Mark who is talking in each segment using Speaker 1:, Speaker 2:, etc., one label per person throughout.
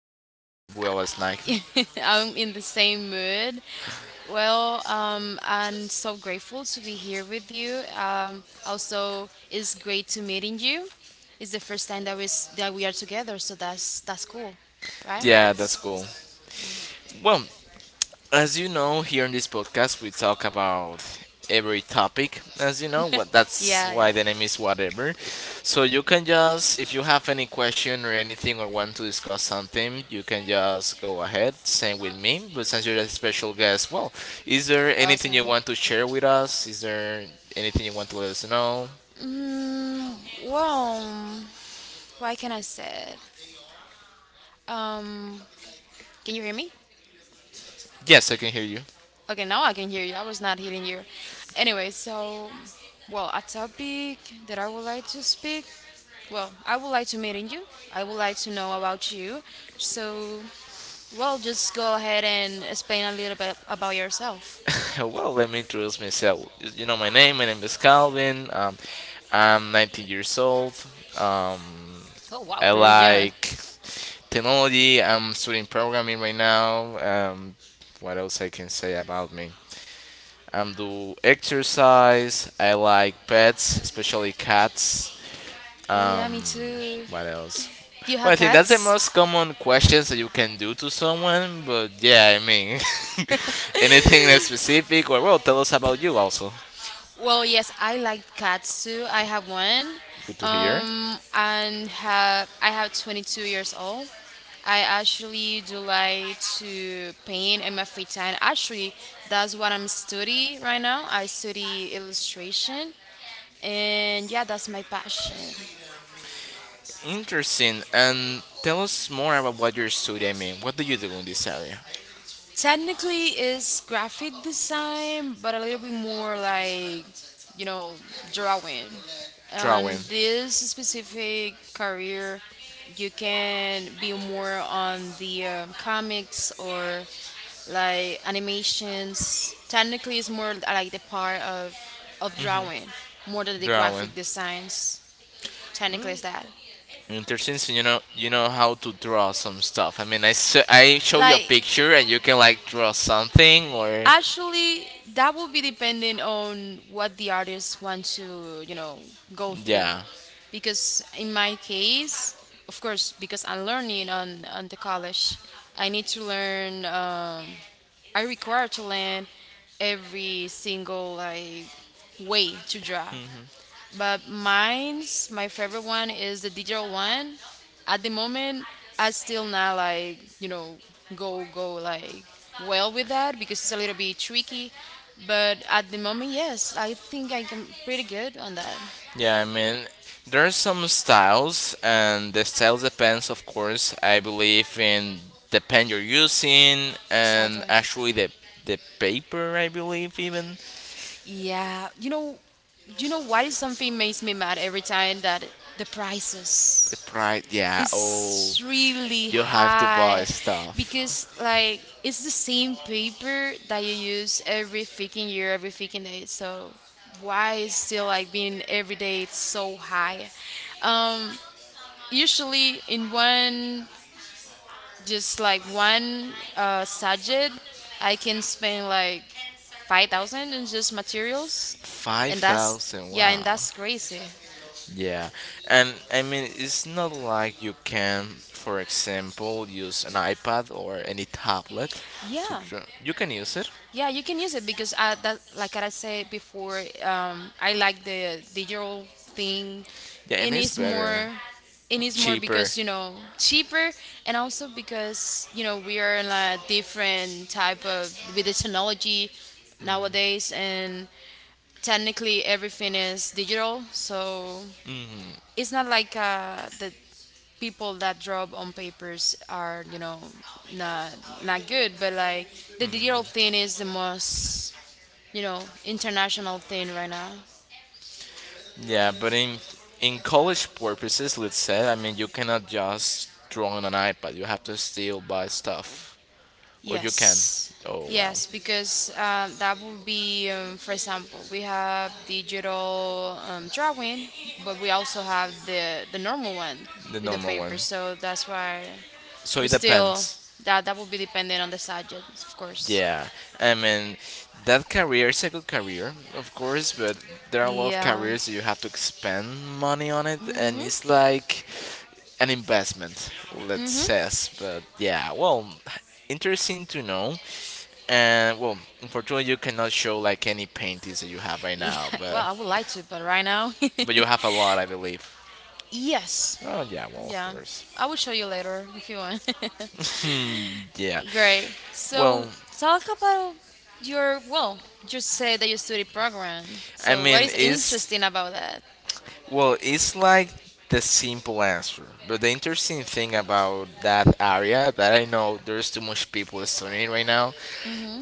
Speaker 1: I just didn't
Speaker 2: Yeah,
Speaker 1: sleep well last night.
Speaker 2: I'm in the same mood. Well, I'm so grateful to be here with you. Also, it's great to meeting you. It's the first time that that we are together, so that's cool, right?
Speaker 1: Yeah, that's cool. Well, as you know, here in this podcast, we talk about every topic. As you know, what that's
Speaker 2: Yeah, yeah,
Speaker 1: why the name is whatever. So you can just, if you have any question or anything or want to discuss something, you can just go ahead. Same with me. But since you're a special guest, well, is there anything you
Speaker 2: awesome.
Speaker 1: want to share with us? Is there anything you want to let us know?
Speaker 2: Mm, well, why can I say it? Um, can you hear me?
Speaker 1: Yes, I can hear you.
Speaker 2: Okay, now I can hear you. I was not hearing you. Anyway, so, well, a topic that I would like to speak. Well, I would like to meeting you. I would like to know about you. So, well, just go ahead and explain a little bit about yourself.
Speaker 1: Well, let me introduce myself. You know my name. My name is Calvin. I'm 19 years old. Um,
Speaker 2: Oh wow,
Speaker 1: I
Speaker 2: pretty young.
Speaker 1: like technology. I'm studying programming right now. Um, what else I can say about me? I'm do exercise. I like pets, especially cats.
Speaker 2: Oh yeah, me
Speaker 1: Um,
Speaker 2: too.
Speaker 1: what else?
Speaker 2: You
Speaker 1: Well,
Speaker 2: have
Speaker 1: I think that's the
Speaker 2: cats?
Speaker 1: most common questions that you can do to someone. But yeah, I mean, anything that's specific, or well, tell us about you also.
Speaker 2: Well, yes, I like cats too. I have one,
Speaker 1: Good to hear.
Speaker 2: and have I have 22 years old. I actually do like to paint in my free time. Actually, that's what I'm studying right now. I study illustration, and yeah, that's my passion.
Speaker 1: Interesting. And tell us more about what you're studying. I mean, what do you do in this area?
Speaker 2: Technically is graphic design, but a little bit more like, you know, drawing. On
Speaker 1: Drawing,
Speaker 2: this specific career, you can be more on the comics or like animations. Technically, it's more like the part of drawing more than the
Speaker 1: drawing.
Speaker 2: graphic designs. Technically, is that
Speaker 1: Interesting. So you know how to draw some stuff. I mean, I show you a
Speaker 2: like,
Speaker 1: picture and you can like draw something or
Speaker 2: actually, that will be depending on what the artist wants to, you know, go through.
Speaker 1: yeah.
Speaker 2: Because in my case, of course, because I'm learning on the college, I need to learn, I require to learn every single like way to draw.
Speaker 1: Hmm.
Speaker 2: But mine's my favorite one is the digital one. At the moment, I still not like, you know, go like well with that because it's a little bit tricky. But at the moment, yes, I think I am pretty good on that.
Speaker 1: Yeah, I mean, there are some styles, and the style depends, of course. I believe in the pen you're using,
Speaker 2: Exactly.
Speaker 1: and actually the paper. I believe even
Speaker 2: Yeah, you know what is something makes me mad every time that the prices.
Speaker 1: the price. Yeah. Oh,
Speaker 2: Is really
Speaker 1: you have to buy
Speaker 2: high because
Speaker 1: stuff.
Speaker 2: like it's the same paper that you use every freaking year, every freaking day. So why is still like being every day it's so high? Um, Usually in one, just like one subject, I can spend like 5,000 in just materials,
Speaker 1: Five
Speaker 2: and that's,
Speaker 1: thousand.
Speaker 2: yeah, and
Speaker 1: Wow.
Speaker 2: that's crazy.
Speaker 1: Yeah, and I mean, it's not like you can, for example, use an iPad or any tablet to
Speaker 2: Yeah.
Speaker 1: draw. You can use it.
Speaker 2: Yeah, you can use it because I, that like I said before, I like the digital thing,
Speaker 1: Yeah, and
Speaker 2: and
Speaker 1: it's
Speaker 2: it's
Speaker 1: better,
Speaker 2: more, and it's more
Speaker 1: cheaper.
Speaker 2: because, you know, cheaper, and also because, you know, we are in a different type of with the technology nowadays, and technically everything is digital, so
Speaker 1: Hmm.
Speaker 2: it's not like the people that draw on papers are, you know, not not good, but like the digital thing is the most, you know, international thing right now.
Speaker 1: Yeah, but in college purposes, let's say, I mean, you cannot just draw on an iPad. You have to still buy stuff, or you can.
Speaker 2: Yes,
Speaker 1: Oh wow,
Speaker 2: yes, because that would be, for example, we have digital drawing, but we also have the normal one
Speaker 1: the
Speaker 2: with the
Speaker 1: normal one.
Speaker 2: paper, so that's why
Speaker 1: So
Speaker 2: we
Speaker 1: it
Speaker 2: still,
Speaker 1: depends.
Speaker 2: that that will be dependent on the subject, of course.
Speaker 1: Yeah, I mean, that career is a good career, of course, but there are a lot of
Speaker 2: Yeah.
Speaker 1: careers that you have to expend money on it, and it's like an investment, let's
Speaker 2: Mhm.
Speaker 1: say. But yeah, well, interesting to know. And well, unfortunately, you cannot show like any paintings that you have right
Speaker 2: Yeah,
Speaker 1: now,
Speaker 2: well, I would like to, but right now,
Speaker 1: but you have a lot, I believe.
Speaker 2: yes.
Speaker 1: Oh yeah, well, of
Speaker 2: Yeah,
Speaker 1: course.
Speaker 2: I will show you later if you want.
Speaker 1: Hmm, yeah.
Speaker 2: Great. So,
Speaker 1: Well,
Speaker 2: talk about your, well, you said that you study program.
Speaker 1: I
Speaker 2: So, what
Speaker 1: mean,
Speaker 2: is
Speaker 1: is
Speaker 2: interesting about that?
Speaker 1: Well, it's like the simple answer. But the interesting thing about that area that I know there's too much people studying right now.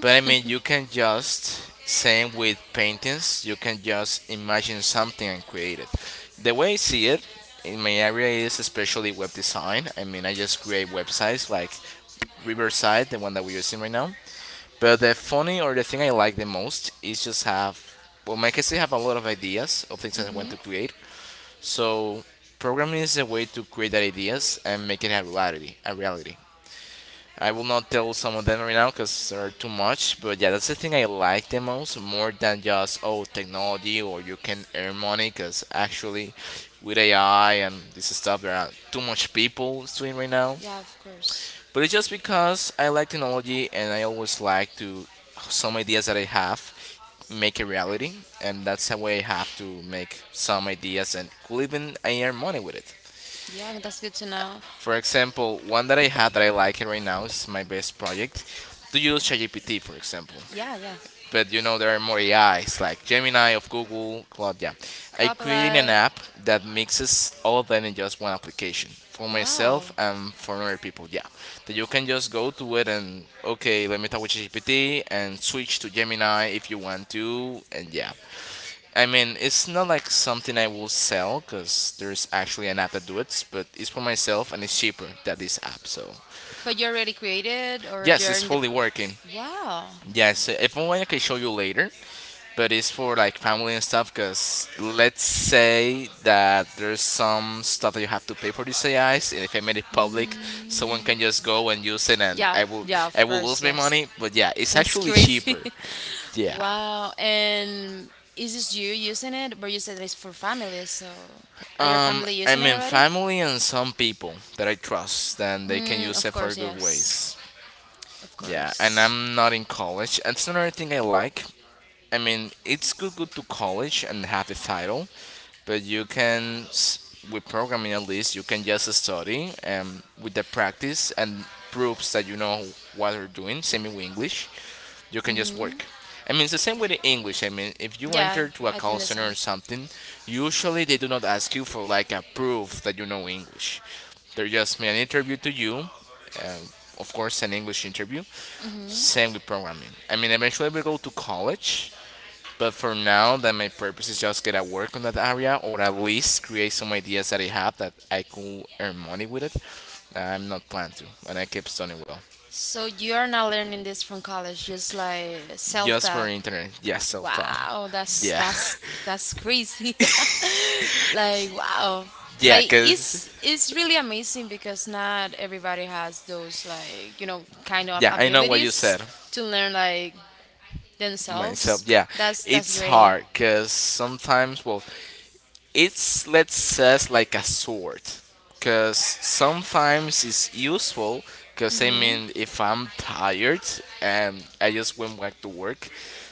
Speaker 1: But I mean, you can just same with paintings. You can just imagine something and create it. The way I see it in my area is especially web design. I mean, I just create websites like Riverside, the one that we're using right now. But the funny or the thing I like the most is just have well, my kids they have a lot of ideas of things that I want to create, so programming is a way to create ideas and make it a reality. I will not tell some of them right now because they're too much. But yeah, that's the thing I like the most, more than just oh technology or you can earn money. Because actually, with AI and this stuff, there are too much people doing right now.
Speaker 2: Yeah, of course.
Speaker 1: But it's just because I like technology and I always like to some ideas that I have make a reality, and that's how I have to make some ideas and could even I earn money with it.
Speaker 2: Yeah, that's good to know.
Speaker 1: For example, one that I had that I like it right now is my best project. To use ChatGPT, for example.
Speaker 2: Yeah, yeah.
Speaker 1: But you know, there are more AIs like Gemini of Google, Cloud. Yeah, I created an
Speaker 2: Copilot.
Speaker 1: app that mixes all of them in just one application for
Speaker 2: Wow.
Speaker 1: myself and for other people. Yeah, that you can just go to it and okay, let me talk with ChatGPT and switch to Gemini if you want to, and yeah, I mean, it's not like something I will sell because there's actually an app that do it, but it's for myself and it's cheaper than this app. So
Speaker 2: But you already created or
Speaker 1: yes,
Speaker 2: you're
Speaker 1: it's
Speaker 2: in the.
Speaker 1: fully working.
Speaker 2: Wow.
Speaker 1: Yes, if only I can show you later, but it's for like family and stuff. Because let's say that there's some stuff that you have to pay for these AIs, and if I made it public,
Speaker 2: Mm,
Speaker 1: someone can just go and use it, and
Speaker 2: yeah, yeah,
Speaker 1: I
Speaker 2: of
Speaker 1: will lose
Speaker 2: course,
Speaker 1: my
Speaker 2: yes.
Speaker 1: money. But yeah, it's
Speaker 2: That's
Speaker 1: actually
Speaker 2: crazy.
Speaker 1: cheaper. Yeah.
Speaker 2: Wow. And is this you using it? But you said it's for families, so are your family
Speaker 1: I
Speaker 2: using it
Speaker 1: mean,
Speaker 2: already?
Speaker 1: family and some people that I trust, and they can
Speaker 2: Mm,
Speaker 1: use
Speaker 2: of
Speaker 1: it for
Speaker 2: course,
Speaker 1: good ways.
Speaker 2: yes. Of
Speaker 1: Yeah, and
Speaker 2: course.
Speaker 1: I'm not in college. That's another thing I like. I mean, it's good to college and have the title, but with programming at least you can just study and with the practice and proofs that you know what you're doing. Same with English, you can just
Speaker 2: Hmm.
Speaker 1: work. I mean, it's the same with the English. I mean, if you
Speaker 2: Yeah,
Speaker 1: enter to a
Speaker 2: I
Speaker 1: call
Speaker 2: think the
Speaker 1: center
Speaker 2: same.
Speaker 1: or something, usually they do not ask you for like a proof that you know English. They just make an interview to you. Uh, of course, an English interview. Same with programming. I mean, eventually we go to college but for now, that my purpose is just get a work on that area, or at least create some ideas that I have that I could earn money with it. I'm not planning to, and I keep studying well.
Speaker 2: So you are not learning this from college, just like self
Speaker 1: Just for
Speaker 2: taught.
Speaker 1: internet, yeah, self thought.
Speaker 2: Wow, that's
Speaker 1: Yeah,
Speaker 2: that's that's crazy. Like wow.
Speaker 1: yeah,
Speaker 2: Like it's
Speaker 1: cause
Speaker 2: it's really amazing because not everybody has those, like, you know, kind of
Speaker 1: yeah, I know what you said
Speaker 2: abilities to learn like themselves.
Speaker 1: myself. Yeah,
Speaker 2: That's
Speaker 1: it's
Speaker 2: great.
Speaker 1: hard, cause sometimes, well, it's let's says like a sword, cause sometimes it's useful. Cause I
Speaker 2: Hmm.
Speaker 1: mean, if I'm tired and I just went back to work,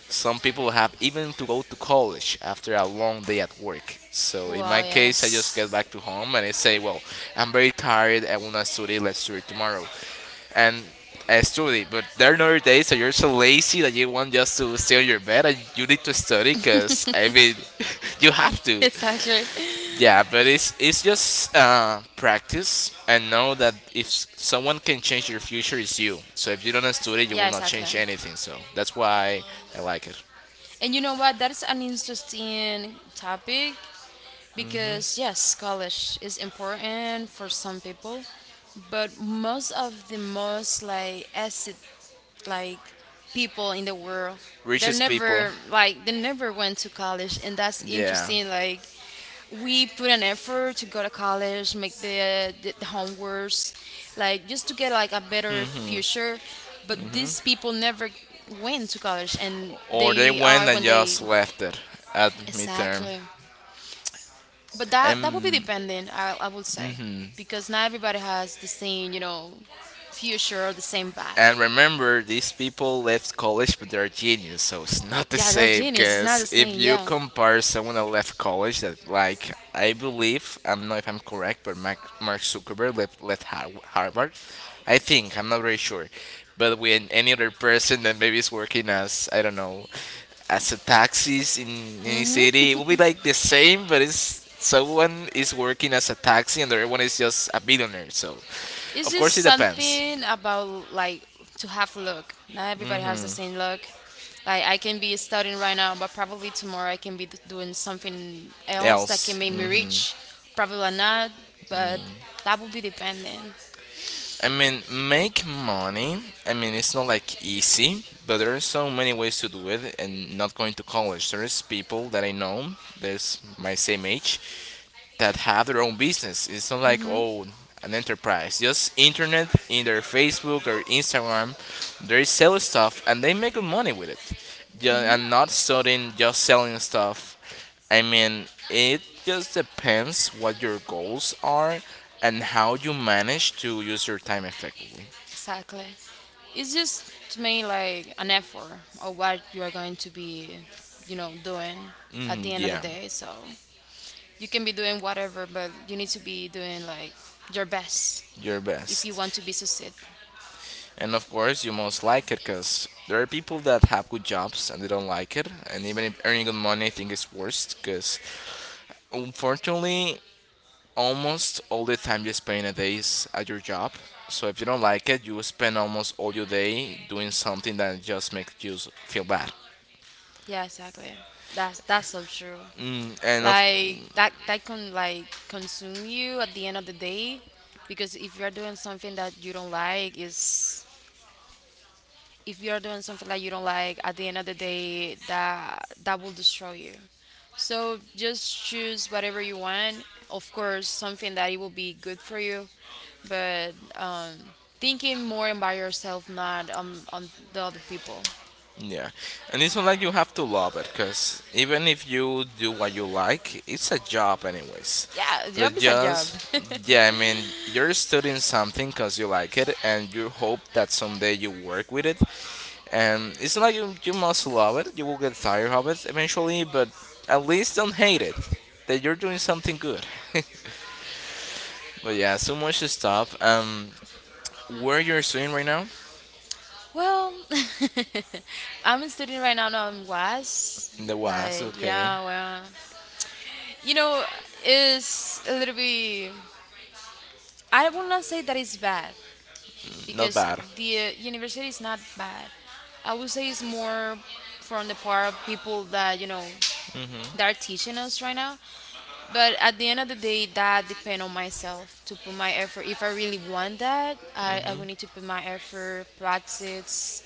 Speaker 1: some people have even to go to college after a long day at work. So in my
Speaker 2: Wow,
Speaker 1: case, I just get
Speaker 2: yes.
Speaker 1: back to home and I say, well, I'm very tired. I wanna study. Let's study tomorrow. And I study, but there are other days that you're so lazy that you want just to stay on your bed and you need to study because I mean, you have to.
Speaker 2: Yes, actually.
Speaker 1: Yeah, but it's just practice and know that if someone can change your future, it's you. So if you don't study, you
Speaker 2: Yeah,
Speaker 1: will not
Speaker 2: exactly.
Speaker 1: change anything. So that's why I like it.
Speaker 2: And you know what? That's an interesting topic because, yes, college is important for some people, but most of the most like acid like people in the world, they
Speaker 1: Richest people.
Speaker 2: never like they never went to college, and that's
Speaker 1: Yeah.
Speaker 2: interesting. Like we put an effort to go to college, make the homeworks, like just to get like a better
Speaker 1: Mhm.
Speaker 2: future. But
Speaker 1: Mhm.
Speaker 2: these people never went to college, and
Speaker 1: Or they
Speaker 2: they
Speaker 1: went
Speaker 2: are
Speaker 1: and
Speaker 2: when they,
Speaker 1: just left it at midterm.
Speaker 2: exactly. But that that would be
Speaker 1: And
Speaker 2: dependent, I would say,
Speaker 1: mhm.
Speaker 2: because not everybody has the same, you know, future or the same
Speaker 1: And
Speaker 2: path.
Speaker 1: remember, these people left college, but they're genius, so it's not the
Speaker 2: Yeah, they're
Speaker 1: same.
Speaker 2: genius. It's not
Speaker 1: Because
Speaker 2: the
Speaker 1: if
Speaker 2: same.
Speaker 1: you
Speaker 2: Yeah.
Speaker 1: compare someone that left college, that like I believe, I don't know if I'm correct, but Mark, Mark Zuckerberg left Harvard. I think I'm not very sure, but when any other person that maybe is working as I don't know, as a taxis in any city, it will be like the same, but it's someone is working as a taxi and the other one is just a billionaire. So,
Speaker 2: It's
Speaker 1: of
Speaker 2: just
Speaker 1: course, it depends.
Speaker 2: something about like to have luck. Not everybody has the
Speaker 1: Mm-hmm.
Speaker 2: same luck. Like I can be studying right now, but probably tomorrow I can be doing something else that can
Speaker 1: else.
Speaker 2: make me
Speaker 1: Hmm.
Speaker 2: rich. Probably not, but that will be dependent.
Speaker 1: I mean, make money. I mean, it's not like easy, but there are so many ways to do it. And not going to college, there's people that I know, there's my same age that have their own business. It's not like oh an enterprise. Just internet in their Facebook or Instagram, they sell stuff and they make good money with it. Yeah, and not studying just selling stuff. I mean, it just depends what your goals are and how you manage to use your time effectively.
Speaker 2: Exactly. It's just to me like an effort of what you are going to be, you know, doing at
Speaker 1: Mm,
Speaker 2: the end of the
Speaker 1: yeah,
Speaker 2: day. So you can be doing whatever, but you need to be doing like your best
Speaker 1: your
Speaker 2: if you
Speaker 1: best.
Speaker 2: want to be succeed.
Speaker 1: And of course, you must like it because there are people that have good jobs and they don't like it. And even if earning good money, I think it's worse because unfortunately, almost all the time you spend in a day is at your job. So if you don't like it, you spend almost all your day doing something that just makes feel bad.
Speaker 2: Yeah, exactly. That's so true.
Speaker 1: Mm, and of
Speaker 2: Like that that can like consume you at the end of the day because if you're doing something that you don't like is, if you're doing something that you don't like at the end of the day, that that will destroy you. So just choose whatever you want. Of course, something that it will be good for you, but thinking more about yourself, not on on the other people.
Speaker 1: Yeah, and it's not like you have to love it, cause even if you do what you like, it's a job anyways.
Speaker 2: Yeah, job
Speaker 1: But
Speaker 2: is a job.
Speaker 1: just yeah, I mean, you're studying something cause you like it, and you hope that someday you work with it. And it's not like you must love it. You will get tired of it eventually, but at least don't hate it. That you're doing something good. But yeah, so much stuff. Where you're studying right now?
Speaker 2: Well, I'm a student right now. Now in WAS.
Speaker 1: In the West,
Speaker 2: Like,
Speaker 1: okay,
Speaker 2: yeah, well, you know, it's a little bit. I will not say that it's bad
Speaker 1: not
Speaker 2: because
Speaker 1: bad.
Speaker 2: the university is not bad. I would say it's more from the part of people that, you know,
Speaker 1: Mm-hmm.
Speaker 2: that are teaching us right now. But at the end of the day, that depend on myself to put my effort. If I really want that, I
Speaker 1: Mm-hmm.
Speaker 2: will need to put my effort, practice,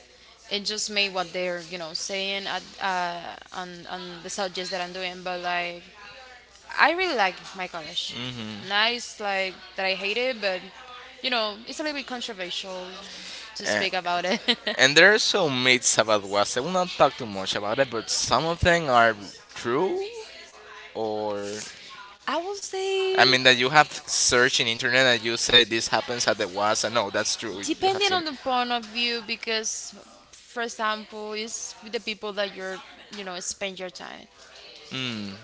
Speaker 2: and just make what they're, you know, saying at, on the subjects that I'm doing. But like I really like my college.
Speaker 1: Mm-hmm.
Speaker 2: Nice, like that I hate it, but, you know, it's a little bit controversial
Speaker 1: That's what And, I want to
Speaker 2: to
Speaker 1: Make
Speaker 2: speak
Speaker 1: up,
Speaker 2: about it.
Speaker 1: and there are some myths about Guasa. I will not talk too much about it, but some of them are true or.
Speaker 2: I will
Speaker 1: I
Speaker 2: say,
Speaker 1: mean, that you have searched in internet and you say this happens at the Guasa. No, that's true. You have
Speaker 2: depending
Speaker 1: seen.
Speaker 2: on the point of view, because for example, it's with the people that you're, you know, spend your time.
Speaker 1: Hmm.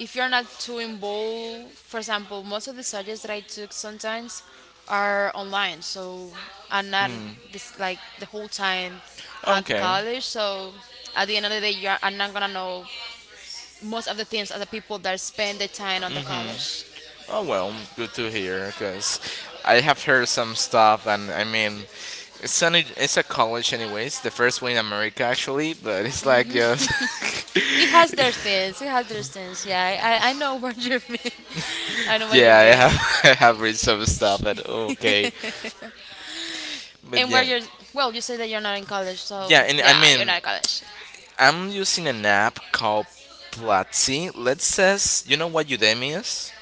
Speaker 2: If you're not too involved, for example, most of the subjects that I took sometimes are online, so I'm not this like the whole time at
Speaker 1: Okay.
Speaker 2: college. So at the end of the day, you're, I'm not gonna know most of the things are the people that spend the time on the college.
Speaker 1: Oh well, good to hear because I have heard some stuff, and I mean, it's a college anyways, the first one in America actually, but it's like just
Speaker 2: It has their things. It has their things. Yeah, I know what you mean. I know what you
Speaker 1: yeah, I
Speaker 2: mean.
Speaker 1: have I have read some stuff, but okay, but
Speaker 2: And where
Speaker 1: yeah,
Speaker 2: you're, well, you say that you're not in college, so
Speaker 1: yeah, and I
Speaker 2: yeah, you're
Speaker 1: mean,
Speaker 2: not in college.
Speaker 1: I'm using an app called Platzi. Let's says you know what Udemy is?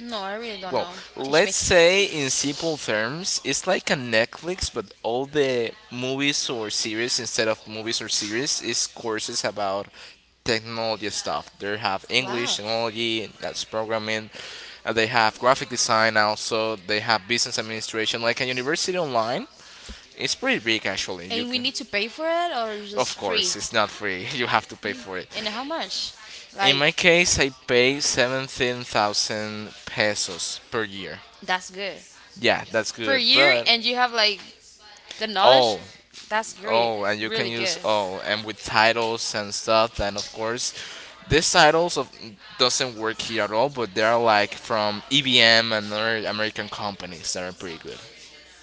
Speaker 2: No, I really don't
Speaker 1: Well,
Speaker 2: know. Teach me.
Speaker 1: let's say in simple terms, it's like a Netflix, but all the movies or series instead of movies or series is courses about technology stuff. They have
Speaker 2: Wow.
Speaker 1: English technology, and that's programming. They have graphic design also. They have business administration, like a university online. It's pretty big actually. You
Speaker 2: And we
Speaker 1: can,
Speaker 2: need to pay for it or it's just
Speaker 1: of
Speaker 2: free?
Speaker 1: course, it's not free. You have to pay for it.
Speaker 2: And how much?
Speaker 1: In
Speaker 2: Like,
Speaker 1: my case, I pay 17,000 pesos per year.
Speaker 2: that's good.
Speaker 1: Yeah, that's
Speaker 2: Per
Speaker 1: good,
Speaker 2: year,
Speaker 1: but
Speaker 2: and you have like the knowledge?
Speaker 1: oh,
Speaker 2: That's great.
Speaker 1: oh, and you can
Speaker 2: Really good.
Speaker 1: use oh, and with titles and stuff. And of course, these titles of doesn't work here at all, but they are like from EBM and other American companies that are pretty good.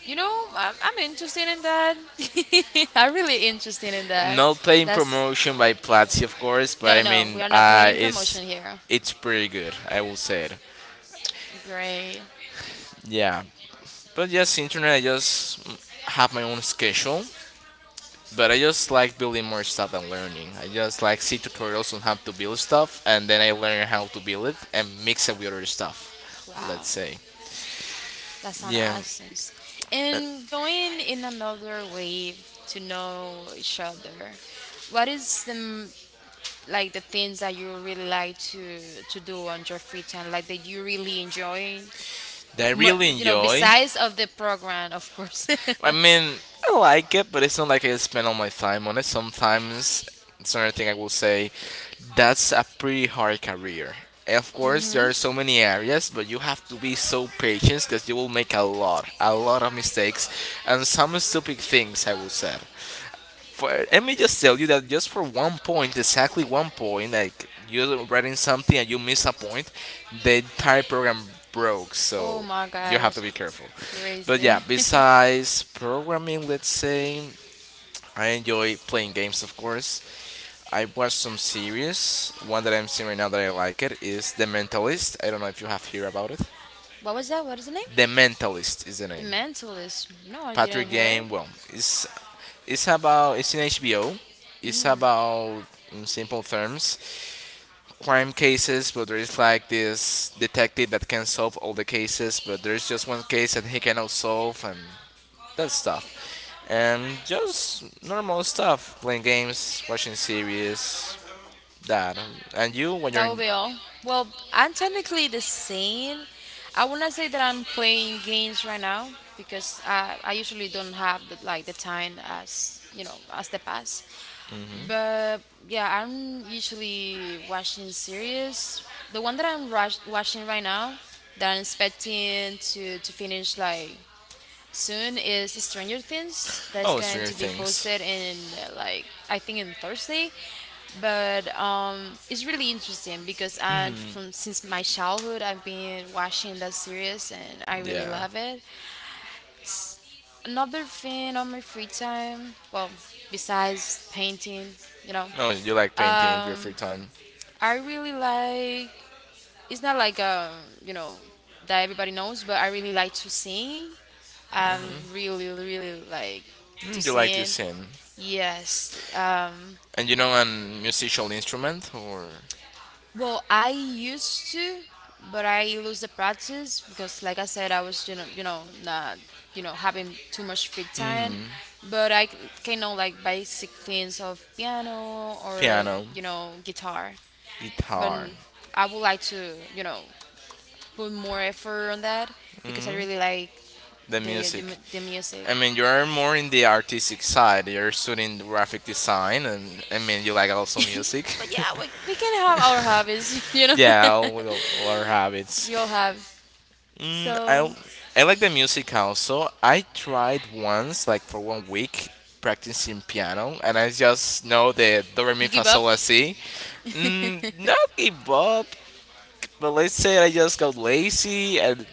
Speaker 2: You know, I'm interested in that. I'm really interested in that.
Speaker 1: Not paying
Speaker 2: That's
Speaker 1: promotion by Platzi, of course, but
Speaker 2: no,
Speaker 1: I
Speaker 2: no, we
Speaker 1: mean,
Speaker 2: are not paying promotion here.
Speaker 1: it's pretty good. I will say it.
Speaker 2: Great.
Speaker 1: Yeah, but yes, internet. I just have my own schedule. But I just like building more stuff and learning. I just like see tutorials on how to build stuff, and then I learn how to build it and mix it with other stuff.
Speaker 2: Wow.
Speaker 1: Let's say,
Speaker 2: That sounds
Speaker 1: yeah,
Speaker 2: awesome.
Speaker 1: uh,
Speaker 2: And going in another way to know each other, what is like the things that you really like to do on your free time, like that you really enjoy?
Speaker 1: that I
Speaker 2: Mu-
Speaker 1: really
Speaker 2: You know,
Speaker 1: enjoy.
Speaker 2: besides of the program, of course.
Speaker 1: I mean, I like it, but it's not like I spend all my time on it. Sometimes, it's another thing I will say. That's a pretty hard career. Of course, there
Speaker 2: Hmm.
Speaker 1: are so many areas, but you have to be so patient because you will make a lot of mistakes, and some stupid things. I will say. For, let me just tell you that just for one point, exactly one point, like you're writing something and you miss a point, the entire program broke.
Speaker 2: Oh
Speaker 1: So
Speaker 2: my
Speaker 1: you have to
Speaker 2: gosh,
Speaker 1: be careful. But
Speaker 2: crazy.
Speaker 1: yeah, besides programming, let's say I enjoy playing games, of course. I watched some series. One that I'm seeing right now that I like it is The Mentalist. I don't know if you have heard about it.
Speaker 2: What was that? What is the name?
Speaker 1: The Mentalist is the
Speaker 2: The
Speaker 1: name.
Speaker 2: Mentalist. No, I
Speaker 1: Patrick
Speaker 2: didn't hear it.
Speaker 1: Game. Well, it's about it's in HBO. It's
Speaker 2: Mm,
Speaker 1: about in simple terms crime cases, but there is like this detective that can solve all the cases, but there is just one case that he cannot solve and that stuff. And just normal stuff, playing games, watching series, that. And you when
Speaker 2: that
Speaker 1: you're
Speaker 2: will
Speaker 1: in,
Speaker 2: be all. Well, I'm technically the same. I wouldn't say that I'm playing games right now because I usually don't have the, like the time as you know as the past.
Speaker 1: hmm.
Speaker 2: But yeah, I'm usually watching series. The one that I'm watching right now that I'm expecting to finish like soon is Stranger Things that's
Speaker 1: Oh,
Speaker 2: going
Speaker 1: Stranger
Speaker 2: to be
Speaker 1: Things.
Speaker 2: posted in like I think in Thursday. But it's really interesting because I
Speaker 1: Mm.
Speaker 2: from since my childhood I've been watching that series and I really
Speaker 1: Yeah.
Speaker 2: love it. Another thing on my free time, well, besides painting, you know,
Speaker 1: No, you like painting in your free
Speaker 2: um,
Speaker 1: time.
Speaker 2: I really like, it's not like you know, that everybody knows, but I really like to sing. I really really like to
Speaker 1: Mm, you like to
Speaker 2: sing.
Speaker 1: sing.
Speaker 2: Yes.
Speaker 1: And you know a musical instrument or?
Speaker 2: Well, I used to, but I lose the practice because, like I said, I was, you know, you know, not, you know, having too much free time.
Speaker 1: Hmm.
Speaker 2: But can know like basic things of piano or,
Speaker 1: Piano,
Speaker 2: you know, guitar. But
Speaker 1: guitar.
Speaker 2: I would like to, you know, put more effort on that because I
Speaker 1: Hmm.
Speaker 2: really like
Speaker 1: The
Speaker 2: the
Speaker 1: music.
Speaker 2: the, the music.
Speaker 1: I mean, you're more in the artistic side. You're studying graphic design, and I mean, you like also music.
Speaker 2: But yeah, we can have our hobbies, you know.
Speaker 1: Yeah, all our
Speaker 2: We all
Speaker 1: habits.
Speaker 2: have.
Speaker 1: Mm,
Speaker 2: So
Speaker 1: I like the music also. I tried once, like for 1 week, practicing piano, and I just know the do re mi
Speaker 2: you
Speaker 1: fa
Speaker 2: give up?
Speaker 1: sol la si. Mm, not give up, but let's say I just got lazy and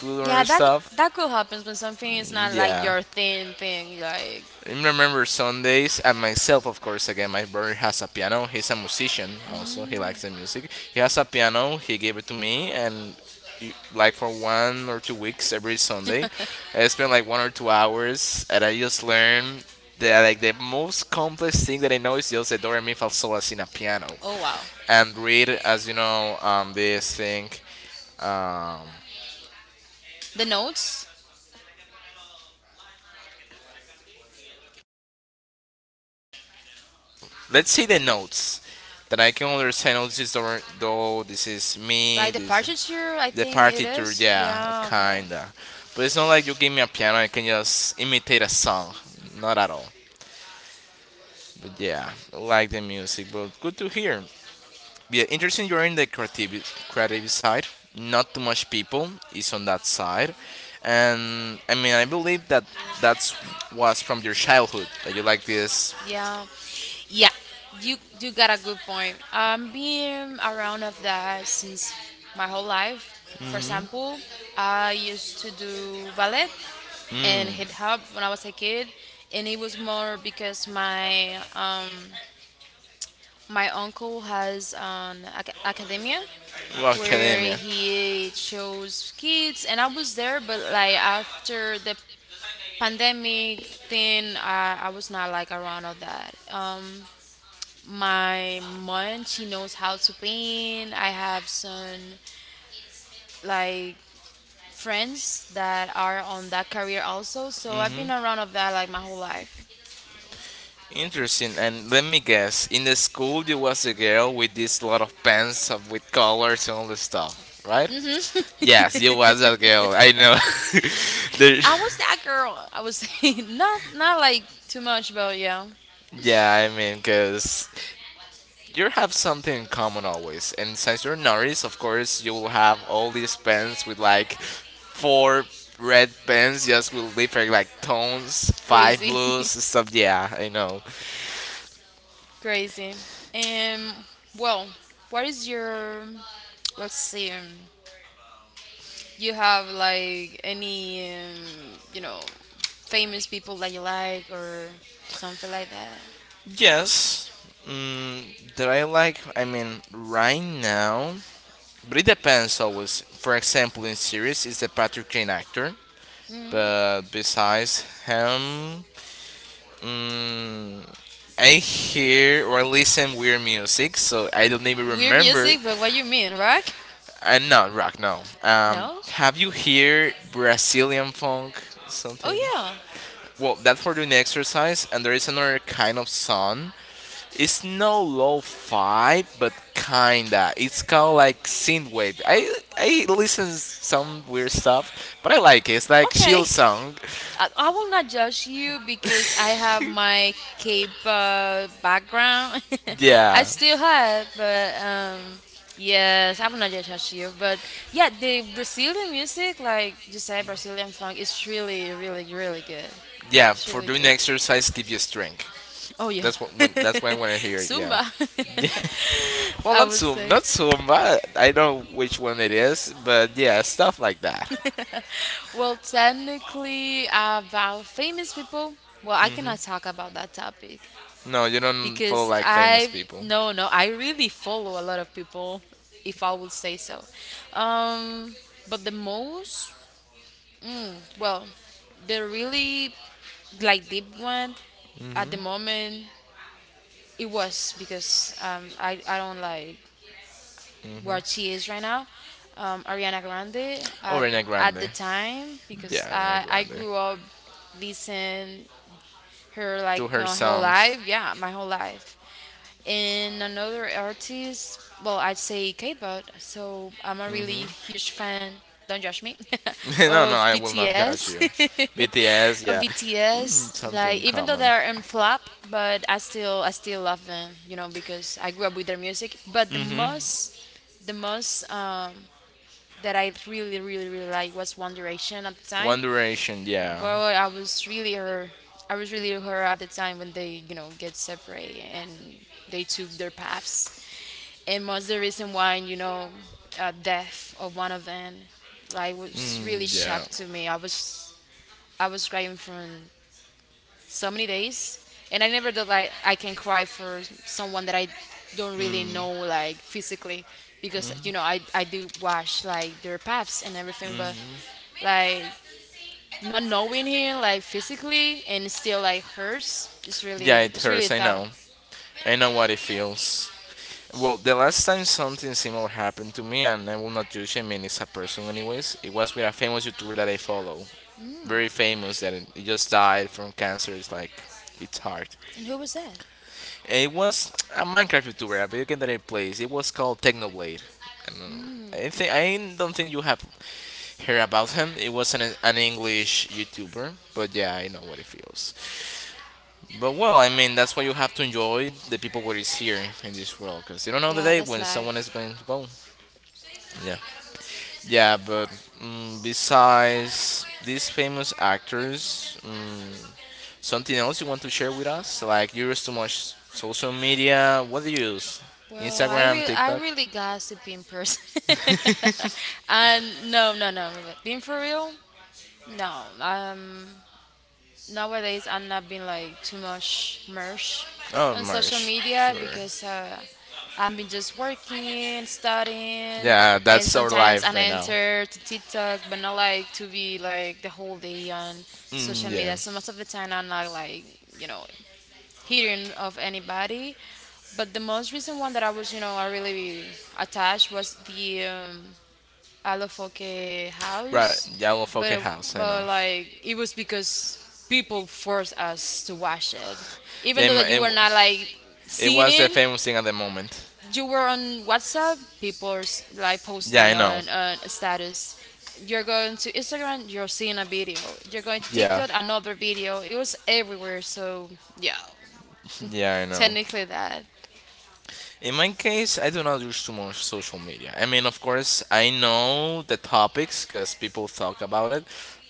Speaker 1: do other
Speaker 2: Yeah, that
Speaker 1: stuff.
Speaker 2: that could happen when something is not like
Speaker 1: Yeah.
Speaker 2: your thing thing. Like,
Speaker 1: I remember Sundays, and myself, of course, again, my brother has a piano. He's a musician also. He likes the
Speaker 2: mm,
Speaker 1: music. He has a piano. He gave it to me, and like for 1 or 2 weeks every Sunday, I spent like 1 or 2 hours, and I just learned that like the most complex thing that I know is just the do re mi fa sol la si in a piano,
Speaker 2: oh wow,
Speaker 1: and read as you know this thing. Um,
Speaker 2: the notes.
Speaker 1: let's see the notes that I can understand. Oh, this is do, do. This is mi.
Speaker 2: Like the
Speaker 1: This.
Speaker 2: partiture, I
Speaker 1: The
Speaker 2: think it
Speaker 1: partiture,
Speaker 2: is.
Speaker 1: yeah,
Speaker 2: Yeah, okay.
Speaker 1: kinda. But it's not like you give me a piano, I can just imitate a song. Not at all. But yeah, I like the music, but good to hear. Yeah, interesting you're in the creative side. Not too much people is on that side. And I mean, I believe that that's was from your childhood that you like this.
Speaker 2: Yeah, yeah, you got a good point. Being around of that since my whole life. For
Speaker 1: Mm-hmm.
Speaker 2: example, I used to do ballet and
Speaker 1: Mm,
Speaker 2: hip hop when I was a kid, and it was more because my uncle has an academia
Speaker 1: well,
Speaker 2: where
Speaker 1: academia.
Speaker 2: he shows kids, and I was there, but like after the pandemic thing, I was not like around all that. My mom, she knows how to paint. I have some like friends that are on that career also, so I've been
Speaker 1: Mm-hmm.
Speaker 2: around of that like my whole life.
Speaker 1: Interesting. And let me guess, in the school you was a girl with this lot of with colors and all the stuff, right?
Speaker 2: Hmm.
Speaker 1: Yes, you was that girl. I know. There-
Speaker 2: I was that girl, I was, not like too much, but yeah.
Speaker 1: yeah, I mean, cause you have something in common always, and since you're Norris, of course, you will have all these pens with like four red pens just with different like tones, five
Speaker 2: Crazy.
Speaker 1: blues, stuff. Yeah, I know.
Speaker 2: Crazy. And, well, what is your let's see. You have like any famous people that you like or something like that?
Speaker 1: Yes. Mm, that I like. I mean, right now. But it depends always. For example, in series, it's a Patrick Kane actor.
Speaker 2: Mm.
Speaker 1: But besides him, mm, I hear or listen weird music, so I don't even
Speaker 2: Weird
Speaker 1: remember.
Speaker 2: music, but what you mean, rock?
Speaker 1: And not rock, no.
Speaker 2: No?
Speaker 1: Have you heard Brazilian funk?
Speaker 2: Oh
Speaker 1: Something.
Speaker 2: yeah.
Speaker 1: Well, that's for doing exercise, and there is another kind of song. It's no lo-fi, but kinda. It's kind of like synthwave. I listen some weird stuff, but I like it. It's like
Speaker 2: Okay.
Speaker 1: chill song.
Speaker 2: I will not judge you because I have my Cape background. I
Speaker 1: Yeah,
Speaker 2: still have, but yes, I will not judge you. But yeah, the Brazilian music, like you said, Brazilian funk, is really, really, really good.
Speaker 1: yeah.
Speaker 2: It's
Speaker 1: For
Speaker 2: really
Speaker 1: doing
Speaker 2: good.
Speaker 1: exercise, give you strength.
Speaker 2: Oh yeah.
Speaker 1: That's what when that's when when I hear it.
Speaker 2: Zumba.
Speaker 1: Yeah. Well,
Speaker 2: I
Speaker 1: not
Speaker 2: would
Speaker 1: Zoom,
Speaker 2: say.
Speaker 1: not Zoom, but I know which one it is. But yeah, stuff like that.
Speaker 2: Well, technically, about famous people, well, I
Speaker 1: Hmm.
Speaker 2: cannot talk about that topic
Speaker 1: No, you don't follow
Speaker 2: because
Speaker 1: like famous people.
Speaker 2: no, no, I really follow a lot of people, if I would say so. Um, but the most, mm, well, the really like deep one at the
Speaker 1: Hmm.
Speaker 2: moment, it was because I don't like where she is right now, Ariana Grande
Speaker 1: Oh, Rena
Speaker 2: at
Speaker 1: Grande.
Speaker 2: the time because
Speaker 1: Yeah, Rena
Speaker 2: I
Speaker 1: Grande.
Speaker 2: grew up listening her
Speaker 1: Do
Speaker 2: like
Speaker 1: her
Speaker 2: my whole
Speaker 1: songs.
Speaker 2: life. Yeah, my whole life. And another artist, well, I'd say K-pop. So I'm a really
Speaker 1: Hmm.
Speaker 2: huge fan. Don't judge me.
Speaker 1: No, no,
Speaker 2: Of
Speaker 1: I will not judge
Speaker 2: BTS.
Speaker 1: you. BTS,
Speaker 2: Of
Speaker 1: yeah.
Speaker 2: BTS.
Speaker 1: Mm,
Speaker 2: Like
Speaker 1: something
Speaker 2: even though
Speaker 1: common.
Speaker 2: they're in flop, but I still love them. You know, because I grew up with their music. But the
Speaker 1: Hmm.
Speaker 2: most the most um, that I really really really like was One Direction at the
Speaker 1: One
Speaker 2: time,
Speaker 1: Direction, yeah.
Speaker 2: but I was really her. I was really her at the time when they, you know, get separate and they took their paths. And was the reason why, you know, death of one of them like was
Speaker 1: Mm,
Speaker 2: really
Speaker 1: yeah.
Speaker 2: shocked to me. I was crying for so many days, and I never thought like I can cry for someone that I don't really
Speaker 1: Mm,
Speaker 2: know like physically, because you know I do watch like their paths and everything, but
Speaker 1: mhm.
Speaker 2: like not knowing him like physically and still like hurts. It's really,
Speaker 1: Yeah, it
Speaker 2: it's
Speaker 1: hurts.
Speaker 2: really
Speaker 1: I
Speaker 2: tough.
Speaker 1: know. I know what it feels. Well, the last time something similar happened to me, and I will not judge him, I mean, it's a person, anyways. It was with a famous YouTuber that I follow. Very famous, that he just died from cancer. It's like, it's hard.
Speaker 2: And who was that?
Speaker 1: It was a Minecraft YouTuber, a video game that I plays. It was called Technoblade. And I don't think you have heard about him. It was an English YouTuber, but yeah, I know what it feels. But well, I mean, that's why you have to enjoy the people what is here in this world, because you don't know the
Speaker 2: Yeah,
Speaker 1: day
Speaker 2: that's
Speaker 1: when someone is
Speaker 2: life.
Speaker 1: going to go. Yeah. Yeah, but mm, besides these famous actors, mm, something else you want to share with us? Like you use too much social media. What do you use?
Speaker 2: Well, i
Speaker 1: Instagram,
Speaker 2: really i
Speaker 1: TikTok.
Speaker 2: really gossip in person. And no, but being for real, no. Nowadays I'm not being like too much merged
Speaker 1: Oh,
Speaker 2: on social
Speaker 1: Marsh.
Speaker 2: media
Speaker 1: Sure.
Speaker 2: because I've been just working, studying,
Speaker 1: Yeah,
Speaker 2: and
Speaker 1: that's our
Speaker 2: sometimes I
Speaker 1: life right now.
Speaker 2: enter to TikTok, but not like to be like the whole day on
Speaker 1: Mm,
Speaker 2: social
Speaker 1: yeah.
Speaker 2: media. So most of the time I'm not like you know hearing of anybody. But the most recent one that I really attached was the Alofoque
Speaker 1: Right.
Speaker 2: house,
Speaker 1: Yeah, well, fucking
Speaker 2: but
Speaker 1: house. I know.
Speaker 2: like it was because people forced us to watch it, even
Speaker 1: Yeah, it,
Speaker 2: though
Speaker 1: ma-
Speaker 2: that
Speaker 1: it,
Speaker 2: you were
Speaker 1: w-
Speaker 2: not like
Speaker 1: It
Speaker 2: seeing
Speaker 1: was the
Speaker 2: it.
Speaker 1: famous thing at the moment.
Speaker 2: You were on WhatsApp. People are like
Speaker 1: Yeah,
Speaker 2: posting
Speaker 1: I know.
Speaker 2: on status. You're going to Instagram. You're seeing a video. You're going to
Speaker 1: Yeah.
Speaker 2: TikTok. Another video. It was everywhere. So yeah,
Speaker 1: Yeah, I know.
Speaker 2: technically that.
Speaker 1: In my case, I do not use too much social media. I mean, of course, I know the topics because people talk about it,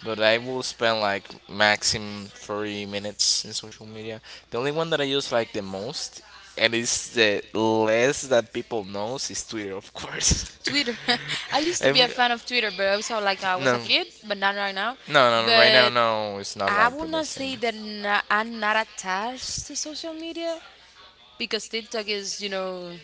Speaker 1: but I will spend like maximum 30 minutes in social media. The only one that I use like the most and it's the less that people knows is Twitter, of course.
Speaker 2: Twitter. I used to
Speaker 1: I
Speaker 2: be a
Speaker 1: mean,
Speaker 2: fan of Twitter, but also like I was a
Speaker 1: no,
Speaker 2: kid, but not right now.
Speaker 1: no, no, no, right now,
Speaker 2: But
Speaker 1: no, it's not
Speaker 2: I
Speaker 1: like the
Speaker 2: would not
Speaker 1: best thing.
Speaker 2: say that na I'm not attached to social media because TikTok is, you know,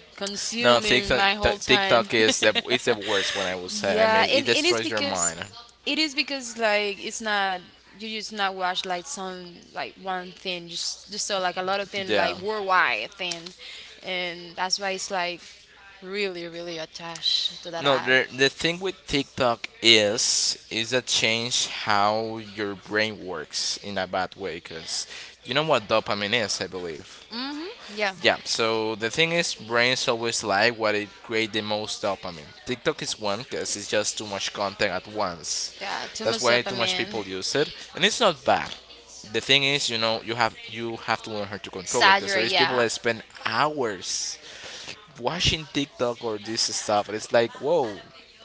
Speaker 1: No,
Speaker 2: consuming my whole time.
Speaker 1: TikTok is the it's the worst one I will say. I
Speaker 2: Yeah,
Speaker 1: mean, it
Speaker 2: and it is
Speaker 1: destroys your
Speaker 2: because
Speaker 1: mind.
Speaker 2: like it's not, you just not watch like some like one thing, just so like a lot of things, like
Speaker 1: Yeah.
Speaker 2: worldwide thing, and that's why it's like really really attached to that
Speaker 1: No,
Speaker 2: app.
Speaker 1: the thing with TikTok is that change how your brain works in a bad way because you know what dopamine is, I believe.
Speaker 2: Mhm. Yeah.
Speaker 1: Yeah, so the thing is, brains always like what it create the most dopamine. TikTok is one because it's just too much content at once.
Speaker 2: Yeah. Too
Speaker 1: That's
Speaker 2: much
Speaker 1: why too much
Speaker 2: dopamine.
Speaker 1: people use it, and it's not bad. The thing is, you know, you have to learn how to control it because there
Speaker 2: Saturate.
Speaker 1: is people
Speaker 2: Yeah.
Speaker 1: that spend hours watching TikTok or this stuff, and it's like, whoa.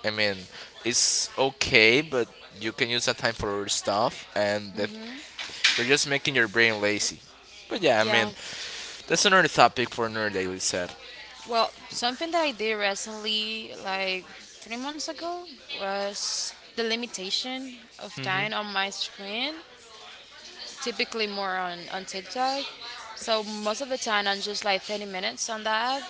Speaker 1: I mean, it's okay, but you can use that time for other stuff, and that they're just making your brain lazy. But yeah, I
Speaker 2: Yeah.
Speaker 1: mean, that's another topic for another day, we said.
Speaker 2: Well, something that I did recently, like 3 months ago, was the limitation of time on my screen, typically more on TikTok. So most of the time, I'm just like 30 minutes on that app.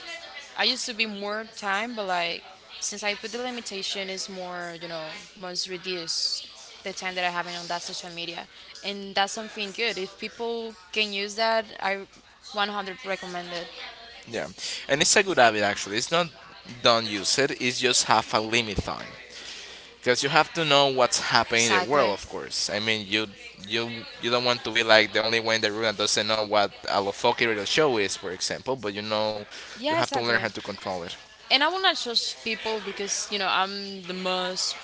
Speaker 2: I used to be more time, but like since I put the limitation, it's more, you know, must reduce the time that I have on that social media. And that's something good. If people can use that, I 100 recommend it.
Speaker 1: Yeah, and it's a good habit actually. It's not don't use it. It's just have a limit time. Because you have to know what's happening in the world,
Speaker 2: Exactly.
Speaker 1: of course. I mean, you you don't want to be like the only one in the room that doesn't know what a lofoki radio show is for example, but you know you
Speaker 2: Yeah,
Speaker 1: have to learn
Speaker 2: exactly.
Speaker 1: how to control it.
Speaker 2: And I will not judge people because you know I'm the most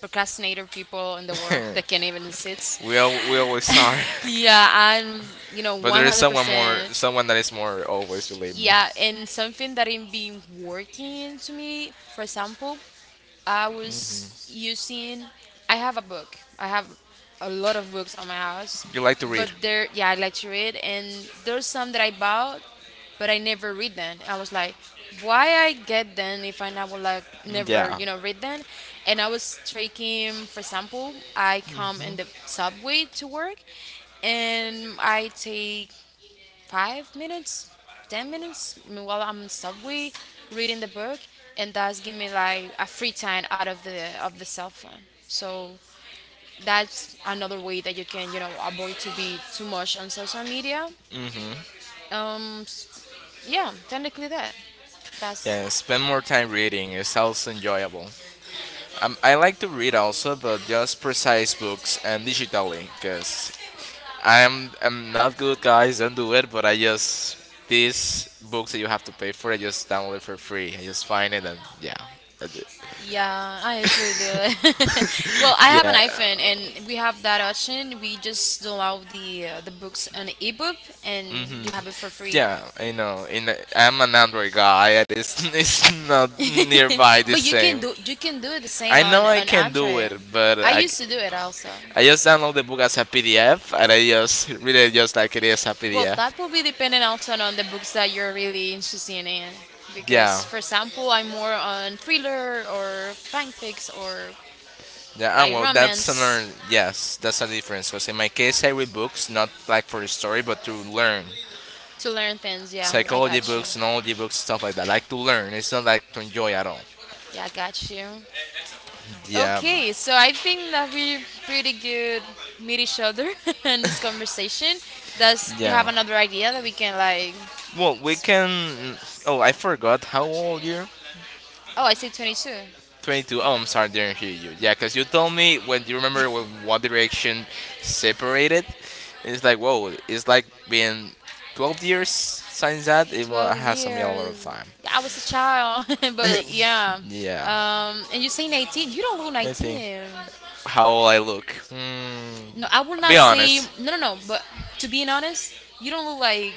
Speaker 2: procrastinator people in the world that can even sit.
Speaker 1: We always are.
Speaker 2: Yeah, I'm, you know,
Speaker 1: But there is someone more,
Speaker 2: 100%.
Speaker 1: someone that is more always, believe me.
Speaker 2: Yeah, and something that has been working to me, for example, I was using. I have a book. I have a lot of books on my house,
Speaker 1: You like to
Speaker 2: but
Speaker 1: read,
Speaker 2: there, yeah, I like to read, and there's some that I bought, but I never read them. I was like, why I get them if I never,
Speaker 1: yeah.
Speaker 2: you know, read them? And I was taking, for example, I come in the subway to work, and I take 5 minutes, 10 minutes while I'm on subway reading the book, and that's give me like a free time out of the cell phone. So that's another way that you can, you know, avoid to be too much on social media.
Speaker 1: Hmm.
Speaker 2: Um, s- yeah, technically that.
Speaker 1: Yeah,
Speaker 2: That's
Speaker 1: spend more time reading, it's also enjoyable. I like to read also but just precise books and digitally because I'm not good, guys. Don't do it. But I just these books that you have to pay for, I just download it for free. I just find it and yeah, I d-
Speaker 2: yeah, I actually do it. Well, I have an
Speaker 1: yeah,
Speaker 2: iPhone, and we have that option. We just download the books on ebook, and
Speaker 1: mm-hmm.
Speaker 2: you have it for free.
Speaker 1: Yeah. I know. I'm an Android guy. It's it's not nearby the
Speaker 2: But you can
Speaker 1: same.
Speaker 2: do, you can do the same
Speaker 1: I know I
Speaker 2: on
Speaker 1: can do
Speaker 2: Andre.
Speaker 1: it, but
Speaker 2: I used to do it also.
Speaker 1: I just download the book as a PDF and I just read it just like it is a
Speaker 2: Well,
Speaker 1: PDF.
Speaker 2: that will be dependent also on the books that you're really interested in.
Speaker 1: Yeah.
Speaker 2: Because, for example, I'm more on thriller or fanfics or
Speaker 1: Yeah, ah,
Speaker 2: like
Speaker 1: well, that's another,
Speaker 2: romance
Speaker 1: yes, that's a difference. Because in my case, I read books, not like for a story, but to learn.
Speaker 2: to learn things. Yeah, I
Speaker 1: Psychology
Speaker 2: got you.
Speaker 1: books, knowledge books, stuff like that. Like to learn. It's not like to enjoy at all.
Speaker 2: Yeah, I got you.
Speaker 1: Yeah,
Speaker 2: Okay, so I think that we pretty good meet each other in this conversation. Does do you have
Speaker 1: yeah.
Speaker 2: another idea that we can like?
Speaker 1: Well, we can. Oh, I forgot. How old you?
Speaker 2: Oh, I say 22.
Speaker 1: 22. Oh, I'm sorry, didn't hear you. Yeah, because you told me when you remember when One Direction separated. It's like, whoa, it's like being 12 years since that.
Speaker 2: 12
Speaker 1: Has some a lot of
Speaker 2: years.
Speaker 1: time.
Speaker 2: Yeah, I was a child, but yeah.
Speaker 1: Yeah,
Speaker 2: And you say 19, you don't look
Speaker 1: I think.
Speaker 2: 19.
Speaker 1: How will I look? Hmm,
Speaker 2: No, I would
Speaker 1: be
Speaker 2: not say,
Speaker 1: honest.
Speaker 2: no, no, no, but to be honest, you don't look like,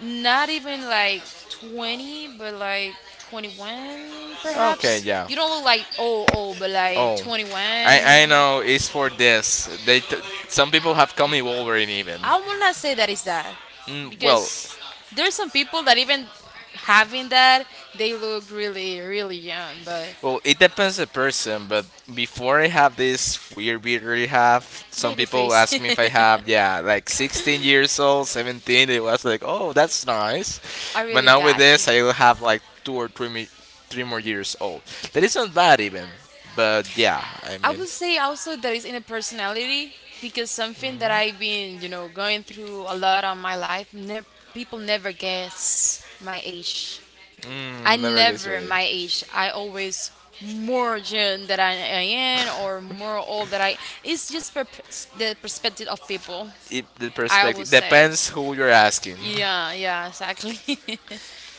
Speaker 2: not even like 20, but like 21,
Speaker 1: Okay,
Speaker 2: perhaps.
Speaker 1: yeah.
Speaker 2: You don't look like old, old, but like
Speaker 1: Oh,
Speaker 2: 21.
Speaker 1: I know it's for this. Some people have called me Wolverine even.
Speaker 2: I would not say that is that
Speaker 1: Mm, well,
Speaker 2: because there's some people that even having that, they look really, really young, but
Speaker 1: Well, it depends the person, but before I have this weird beard I have, some
Speaker 2: baby
Speaker 1: people ask
Speaker 2: face.
Speaker 1: me if I have, yeah, like 16 years old, 17, it was like, oh, that's nice.
Speaker 2: I
Speaker 1: But
Speaker 2: really
Speaker 1: now with
Speaker 2: got you.
Speaker 1: this, I will have like 2 or 3, 3 more years old. That is not bad even, but yeah, I
Speaker 2: I
Speaker 1: mean,
Speaker 2: would say also there is inner personality because something that I've been, you know, going through a lot on my life. Never, people never guess my age. I
Speaker 1: never gets
Speaker 2: never
Speaker 1: ready.
Speaker 2: my age. I always more young that I am or more old that I. It's just the perspective of people.
Speaker 1: The
Speaker 2: I always
Speaker 1: perspective
Speaker 2: say,
Speaker 1: depends who you're asking.
Speaker 2: yeah, yeah, exactly.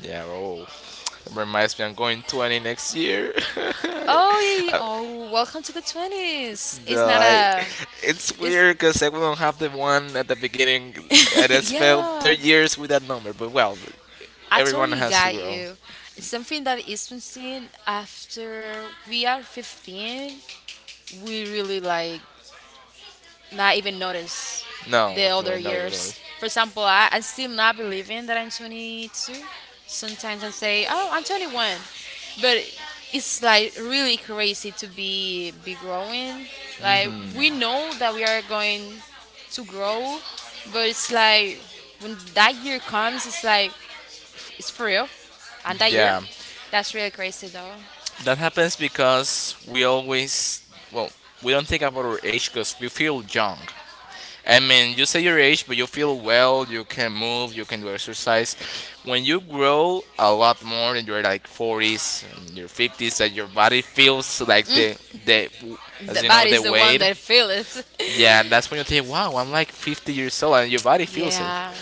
Speaker 1: Yeah. Oh, that reminds me. I'm going 20 next year.
Speaker 2: Oh, yeah,
Speaker 1: I,
Speaker 2: oh, welcome to the 20s. It's
Speaker 1: no,
Speaker 2: not
Speaker 1: I.
Speaker 2: a.
Speaker 1: It's
Speaker 2: It's
Speaker 1: weird because I don't have the one at the beginning. I just felt 30
Speaker 2: yeah.
Speaker 1: years with that number. But well,
Speaker 2: I
Speaker 1: everyone
Speaker 2: totally
Speaker 1: has to
Speaker 2: got
Speaker 1: grow.
Speaker 2: you. It's something that is missing after we are 15. We really like not even notice
Speaker 1: No,
Speaker 2: the other
Speaker 1: no, no, no.
Speaker 2: years. For example, I still not believing that I'm 22. Sometimes I say, oh, I'm 21. But it's like really crazy to be growing. Like we know that we are going to grow, but it's like when that year comes, it's like it's for real. And that year,
Speaker 1: Yeah.
Speaker 2: that's really crazy though.
Speaker 1: That happens because we always, well, we don't think about our age because we feel young. I mean, you say your age, but you feel well, you can move, you can do exercise. When you grow a lot more in your like 40s and your 50s, that your body feels like the as
Speaker 2: The
Speaker 1: you know, the
Speaker 2: body's the one
Speaker 1: weight.
Speaker 2: that feels it.
Speaker 1: Yeah, and that's when you think, wow, I'm like 50 years old, and your body feels it.
Speaker 2: Yeah.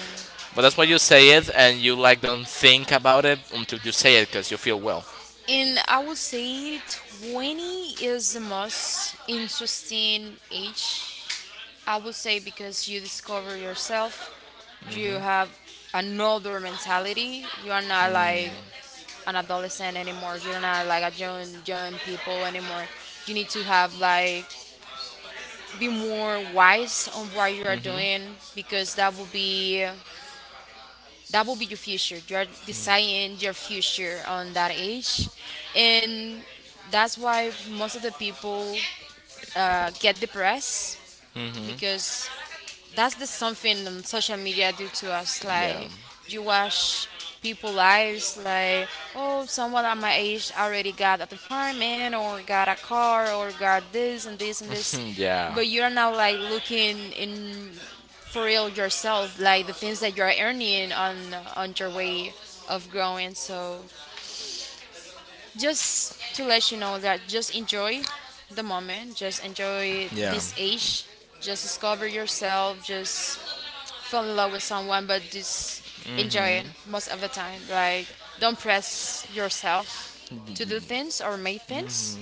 Speaker 1: But that's why you say it, and you like don't think about it until you say it because you feel well.
Speaker 2: And I would say 20 is the most interesting age. I would say because you discover yourself, you have another mentality. You are not like an adolescent anymore. You're not like a young young people anymore. You need to have like be more wise on what you are doing because that will be your future. You are deciding your future on that age, and that's why most of the people get depressed
Speaker 1: Hmm.
Speaker 2: because that's the something social media do to us.
Speaker 1: Yeah.
Speaker 2: Like you watch people lives like, oh, someone at my age already got an apartment or got a car or got this and this and this,
Speaker 1: Yeah.
Speaker 2: but you're now like looking in for real yourself like the things that you're earning on your way of growing. So just to let you know that just enjoy the moment, just enjoy
Speaker 1: Yeah.
Speaker 2: this age, just discover yourself, just fall in love with someone, but just enjoy it
Speaker 1: Mm-hmm.
Speaker 2: most of the time. Like, don't press yourself to do things or make things.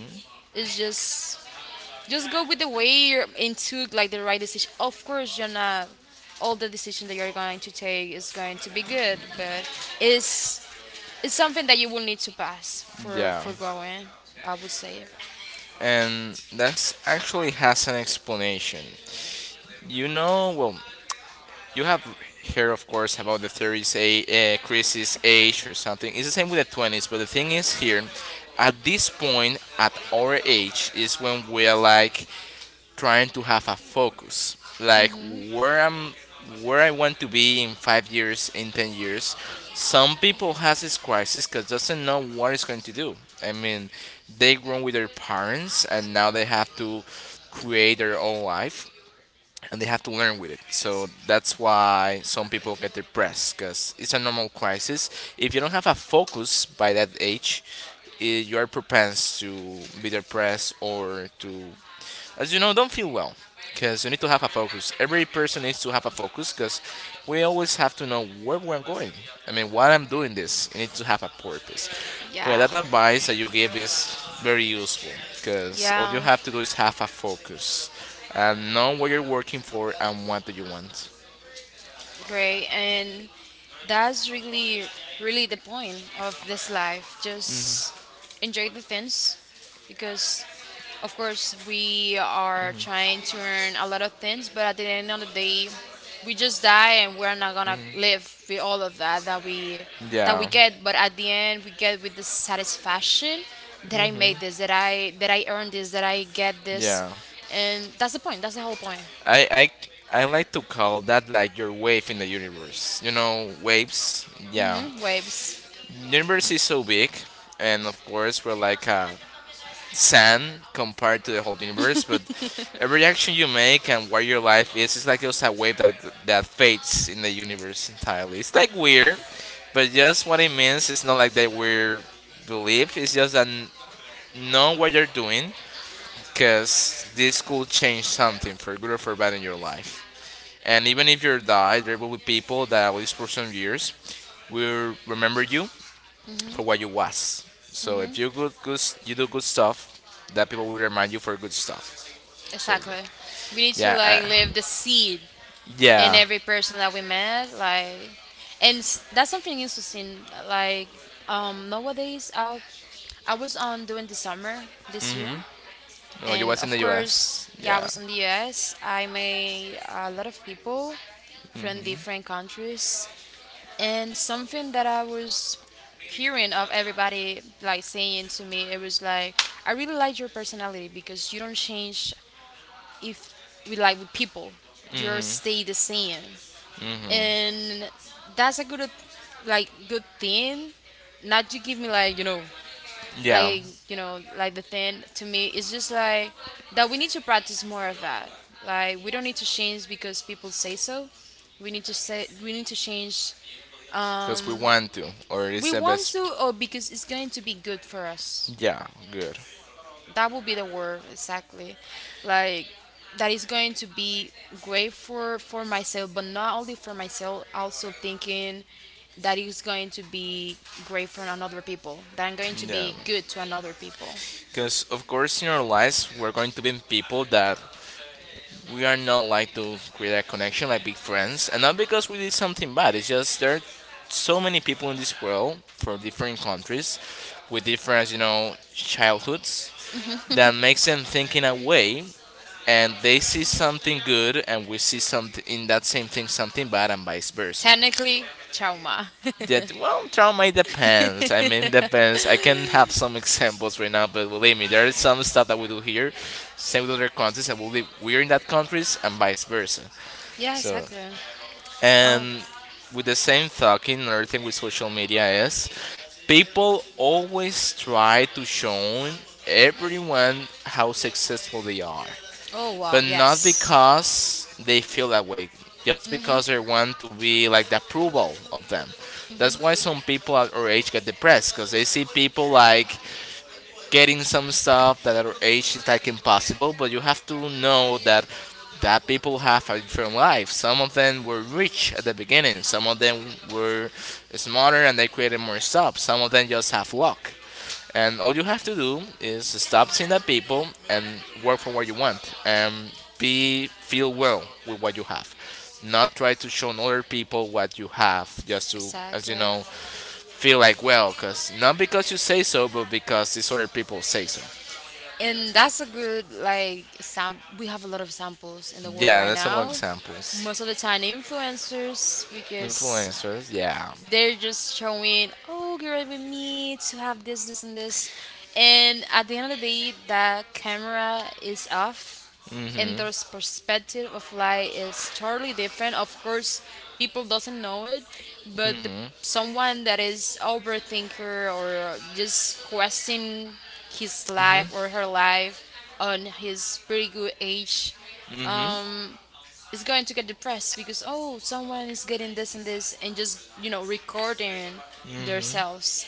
Speaker 2: It's just go with the way you're and took like the right decision. Of course, you're not all the decision that you're going to take is going to be good, but it's it's something that you will need to pass for
Speaker 1: Yeah.
Speaker 2: for going, I would say.
Speaker 1: And that's actually has an explanation. You know, well, you have heard, of course, about the 30s, a crisis age or something. It's the same with the 20s, but the thing is here, at this point, at our age, is when we are like trying to have a focus, like where I'm, where I want to be in 5 years, in 10 years. Some people has this crisis because doesn't know what it's going to do. I mean, they grown with their parents and now they have to create their own life and they have to learn with it. So that's why some people get depressed because it's a normal crisis. If you don't have a focus by that age, you are propensed to be depressed or to as you know, don't feel well because you need to have a focus. Every person needs to have a focus because we always have to know where we're going. I mean, why I'm doing this, you need to have a purpose. Well,
Speaker 2: Yeah,
Speaker 1: that advice that you give is very useful because all you
Speaker 2: yeah.
Speaker 1: have to do is have a focus and know what you're working for and what do you want.
Speaker 2: Great, and that's really, really the point of this life. Just enjoy the things because, of course, we are trying to earn a lot of things, but at the end of the day, we just die and we're not gonna live with all of that that we
Speaker 1: Yeah.
Speaker 2: get. But at the end, we get with the satisfaction that I
Speaker 1: Mhm.
Speaker 2: made this, that I earned this, that I get this,
Speaker 1: Yeah.
Speaker 2: and that's the point. That's the whole point.
Speaker 1: I, I I like to call that like your wave in the universe. You know, waves. Yeah,
Speaker 2: Hmm. Waves.
Speaker 1: universe is so big, and of course we're like sand compared to the whole universe. But every action you make and where your life is, it's like just a wave that fades in the universe entirely. It's like weird, but just what it means. It's not like that we're believe. It's just that know what you're doing, cause this could change something for good or for bad in your life. And even if you die, there will be people that at least for some years will remember you for what you was. So if you good, good you do good stuff, that people will remind you for good stuff. So
Speaker 2: Exactly. We need to
Speaker 1: yeah,
Speaker 2: like leave the seed in
Speaker 1: yeah.
Speaker 2: every person that we met. Like, and that's something interesting. Like, nowadays, I was on doing the summer this year,
Speaker 1: Mhm. No, you
Speaker 2: and
Speaker 1: was in
Speaker 2: of
Speaker 1: the
Speaker 2: course,
Speaker 1: U.S.
Speaker 2: yeah, I
Speaker 1: Yeah.
Speaker 2: was in the U.S. I made a lot of people from different countries, and something that I was hearing of everybody like saying to me, it was like, I really like your personality because you don't change. If we like with people, you
Speaker 1: Mhm.
Speaker 2: stay the same,
Speaker 1: Mhm.
Speaker 2: and that's a good like good thing. Not to give me like
Speaker 1: Yeah,
Speaker 2: like like, the thing to me is just like that we need to practice more of that. Like, we don't need to change because people say so. We need to say we need to change,
Speaker 1: because we
Speaker 2: um
Speaker 1: want to, or
Speaker 2: we
Speaker 1: it's the
Speaker 2: want
Speaker 1: best.
Speaker 2: to, or because it's going to be good for us.
Speaker 1: Yeah, good.
Speaker 2: That would be the word exactly. Like, that is going to be great for myself, but not only for myself, also thinking that is going to be great for another people, that I'm going to
Speaker 1: Yeah,
Speaker 2: be good to another people.
Speaker 1: because of course in our lives we're going to be people that we are not like to create a connection like big friends and not because we did something bad. It's just there are so many people in this world from different countries with different childhoods that makes them think in a way, and they see something good and we see something in that same thing something bad and vice versa.
Speaker 2: Technically, trauma.
Speaker 1: That, well, trauma, it depends. I mean, depends. I can have some examples right now, but believe me, there is some stuff that we do here, same with other countries, and we're in that countries and vice versa.
Speaker 2: Yeah,
Speaker 1: So,
Speaker 2: exactly. Oh,
Speaker 1: and with the same talking, another thing with social media is people always try to show everyone how successful they are,
Speaker 2: oh wow,
Speaker 1: but not
Speaker 2: yes,
Speaker 1: because they feel that way, just because they want to be like the approval of them. That's why some people at our age get depressed because they see people like getting some stuff that at our age is like impossible, but you have to know that that people have a different life. Some of them were rich at the beginning, some of them were smarter and they created more stuff. Some of them just have luck. And all you have to do is stop seeing that people and work for what you want and be feel well with what you have. Not try to show other people what you have just to as you
Speaker 2: exactly.
Speaker 1: know feel like well, cause not because you say so, but because these other people say so.
Speaker 2: And that's a good like sam, we have a lot of samples in the world
Speaker 1: Yeah,
Speaker 2: right
Speaker 1: that's a lot of
Speaker 2: now,
Speaker 1: examples.
Speaker 2: most of the time influencers, because
Speaker 1: Influencers, yeah.
Speaker 2: they're just showing, oh, get ready with me to have this, this, and this. And at the end of the day, that camera is off, and
Speaker 1: Hmm.
Speaker 2: their perspective of life is totally different. Of course, people doesn't know it, but the, someone that is overthinker or just questioning his
Speaker 1: Hmm.
Speaker 2: life or her life on his pretty good age,
Speaker 1: Hmm.
Speaker 2: um, is going to get depressed because, oh, someone is getting this and this and just recording
Speaker 1: Hmm.
Speaker 2: themselves.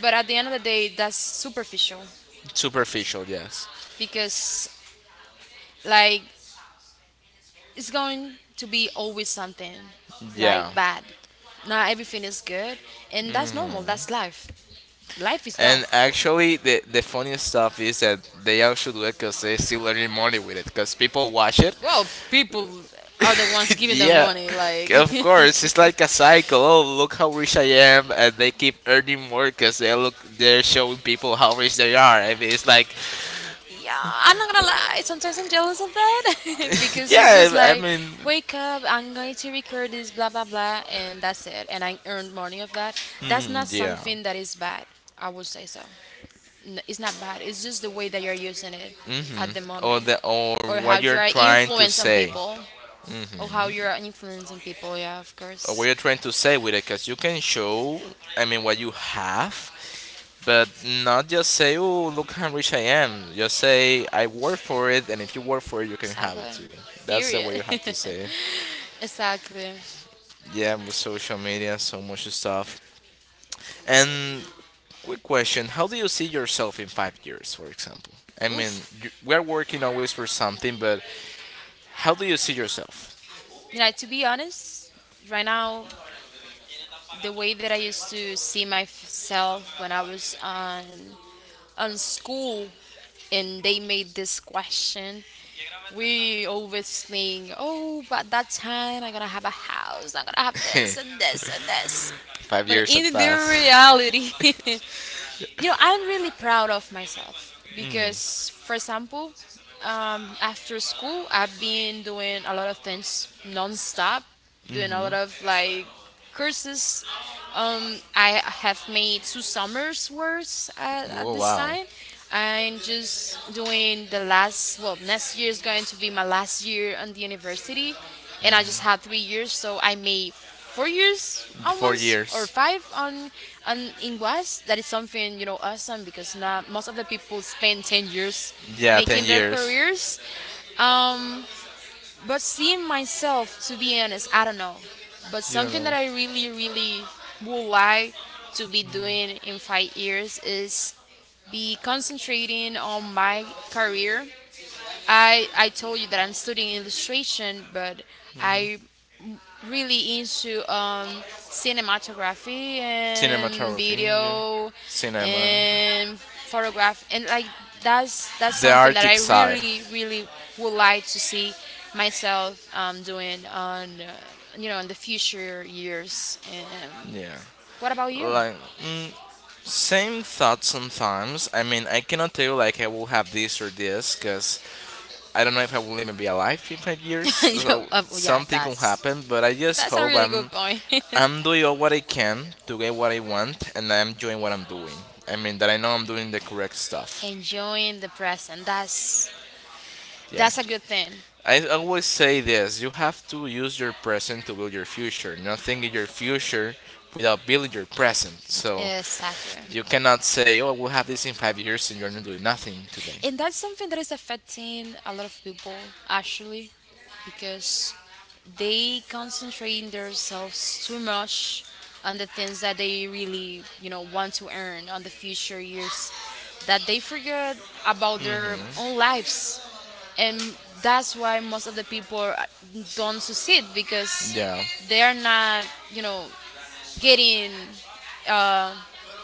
Speaker 2: But at the end of the day, that's superficial
Speaker 1: Superficial, yes.
Speaker 2: because, like, it's going to be always something
Speaker 1: Yeah.
Speaker 2: like bad. Not everything is good, and that's normal. That's life. Life is
Speaker 1: And
Speaker 2: tough.
Speaker 1: actually, the funniest stuff is that they actually do it because they're still earning money with it because people watch it.
Speaker 2: Well, people are the ones giving them
Speaker 1: Yeah,
Speaker 2: money, like.
Speaker 1: of course, it's like a cycle. Oh, look how rich I am, and they keep earning more because they look they're showing people how rich they are. I mean, it's like,
Speaker 2: Yeah, I'm not gonna lie. Sometimes I'm jealous of that because it's
Speaker 1: yeah,
Speaker 2: just
Speaker 1: I
Speaker 2: like,
Speaker 1: mean,
Speaker 2: wake up. I'm going to record this, blah blah blah, and that's it. And I earned money of that. That's
Speaker 1: mm,
Speaker 2: not
Speaker 1: yeah.
Speaker 2: something that is bad, I would say so. It's not bad. It's just the way that you're using it
Speaker 1: Mm-hmm.
Speaker 2: at the
Speaker 1: Or
Speaker 2: moment,
Speaker 1: the or
Speaker 2: or how
Speaker 1: what
Speaker 2: you
Speaker 1: you're
Speaker 2: are
Speaker 1: trying to
Speaker 2: influencing
Speaker 1: say.
Speaker 2: people, or how
Speaker 1: Mm-hmm.
Speaker 2: you are influencing people. Yeah, of
Speaker 1: Or what
Speaker 2: course.
Speaker 1: you're trying to say with it, because you can show. I mean, what you have. But not just say, "Oh, look how rich I am." Just say, "I work for it," and if you work for it, you can have it
Speaker 2: Exactly.
Speaker 1: too. That's the way you
Speaker 2: Period.
Speaker 1: have to say it.
Speaker 2: Exactly.
Speaker 1: Yeah, with social media, so much stuff. And quick question: how do you see yourself in 5 years, for example? I mean,
Speaker 2: Oof.
Speaker 1: we're working always for something, but how do you see yourself?
Speaker 2: You know, to be honest, right now, the way that I used to see myself when I was on school and they made this question, we always think, oh, but that time I'm gonna have a house, I'm gonna have this and this and this.
Speaker 1: five
Speaker 2: But
Speaker 1: years have
Speaker 2: in the
Speaker 1: passed.
Speaker 2: reality, you know, I'm really proud of myself because, for example, after school, I've been doing a lot of things nonstop, doing a lot of like courses. I have made two summers worth at
Speaker 1: Oh,
Speaker 2: this
Speaker 1: wow.
Speaker 2: time. I'm just doing the last, well, next year is going to be my last year on the university. And
Speaker 1: Mm,
Speaker 2: I just had 3 years, so I made 4 years
Speaker 1: Four
Speaker 2: almost or
Speaker 1: years.
Speaker 2: five on in West. That is something, you know, awesome because not most of the people spend 10 years
Speaker 1: Yeah, ten
Speaker 2: making their
Speaker 1: years.
Speaker 2: careers. Um, but seeing myself, to be honest, I don't know. But
Speaker 1: You don't
Speaker 2: something
Speaker 1: know.
Speaker 2: that I really, really would like to be doing in 5 years is be concentrating on my career. I told you that I'm studying illustration, but I really into cinematography and
Speaker 1: Cinematography. Yeah.
Speaker 2: video
Speaker 1: Cinema.
Speaker 2: and photograph and like, that's
Speaker 1: The
Speaker 2: something that I
Speaker 1: artistic side.
Speaker 2: really really would like to see myself doing on you know, in the future years. And
Speaker 1: Yeah.
Speaker 2: what about you?
Speaker 1: Like. Same thought sometimes. I mean, I cannot tell you like I will have this or this because I don't know if I will even be alive in 5 years.
Speaker 2: Yo,
Speaker 1: So
Speaker 2: yeah,
Speaker 1: something can happen, but I just
Speaker 2: that's a
Speaker 1: hope
Speaker 2: really
Speaker 1: I'm
Speaker 2: good point.
Speaker 1: I'm doing all what I can to get what I want, and I'm doing what I'm doing. I mean that I know I'm doing the correct stuff.
Speaker 2: Enjoying the present.
Speaker 1: Yeah.
Speaker 2: That's a good thing.
Speaker 1: I always say this: you have to use your present to build your future. Nothing in your future without building your present. So
Speaker 2: Exactly.
Speaker 1: you cannot say, "Oh, we'll have this in 5 years," and you're not doing nothing today.
Speaker 2: And that's something that is affecting a lot of people, actually, because they concentrating themselves too much on the things that they really you know want to earn on the future years, that they forget about their own lives, and that's why most of the people don't succeed because
Speaker 1: Yeah.
Speaker 2: they are not, you know, getting, uh,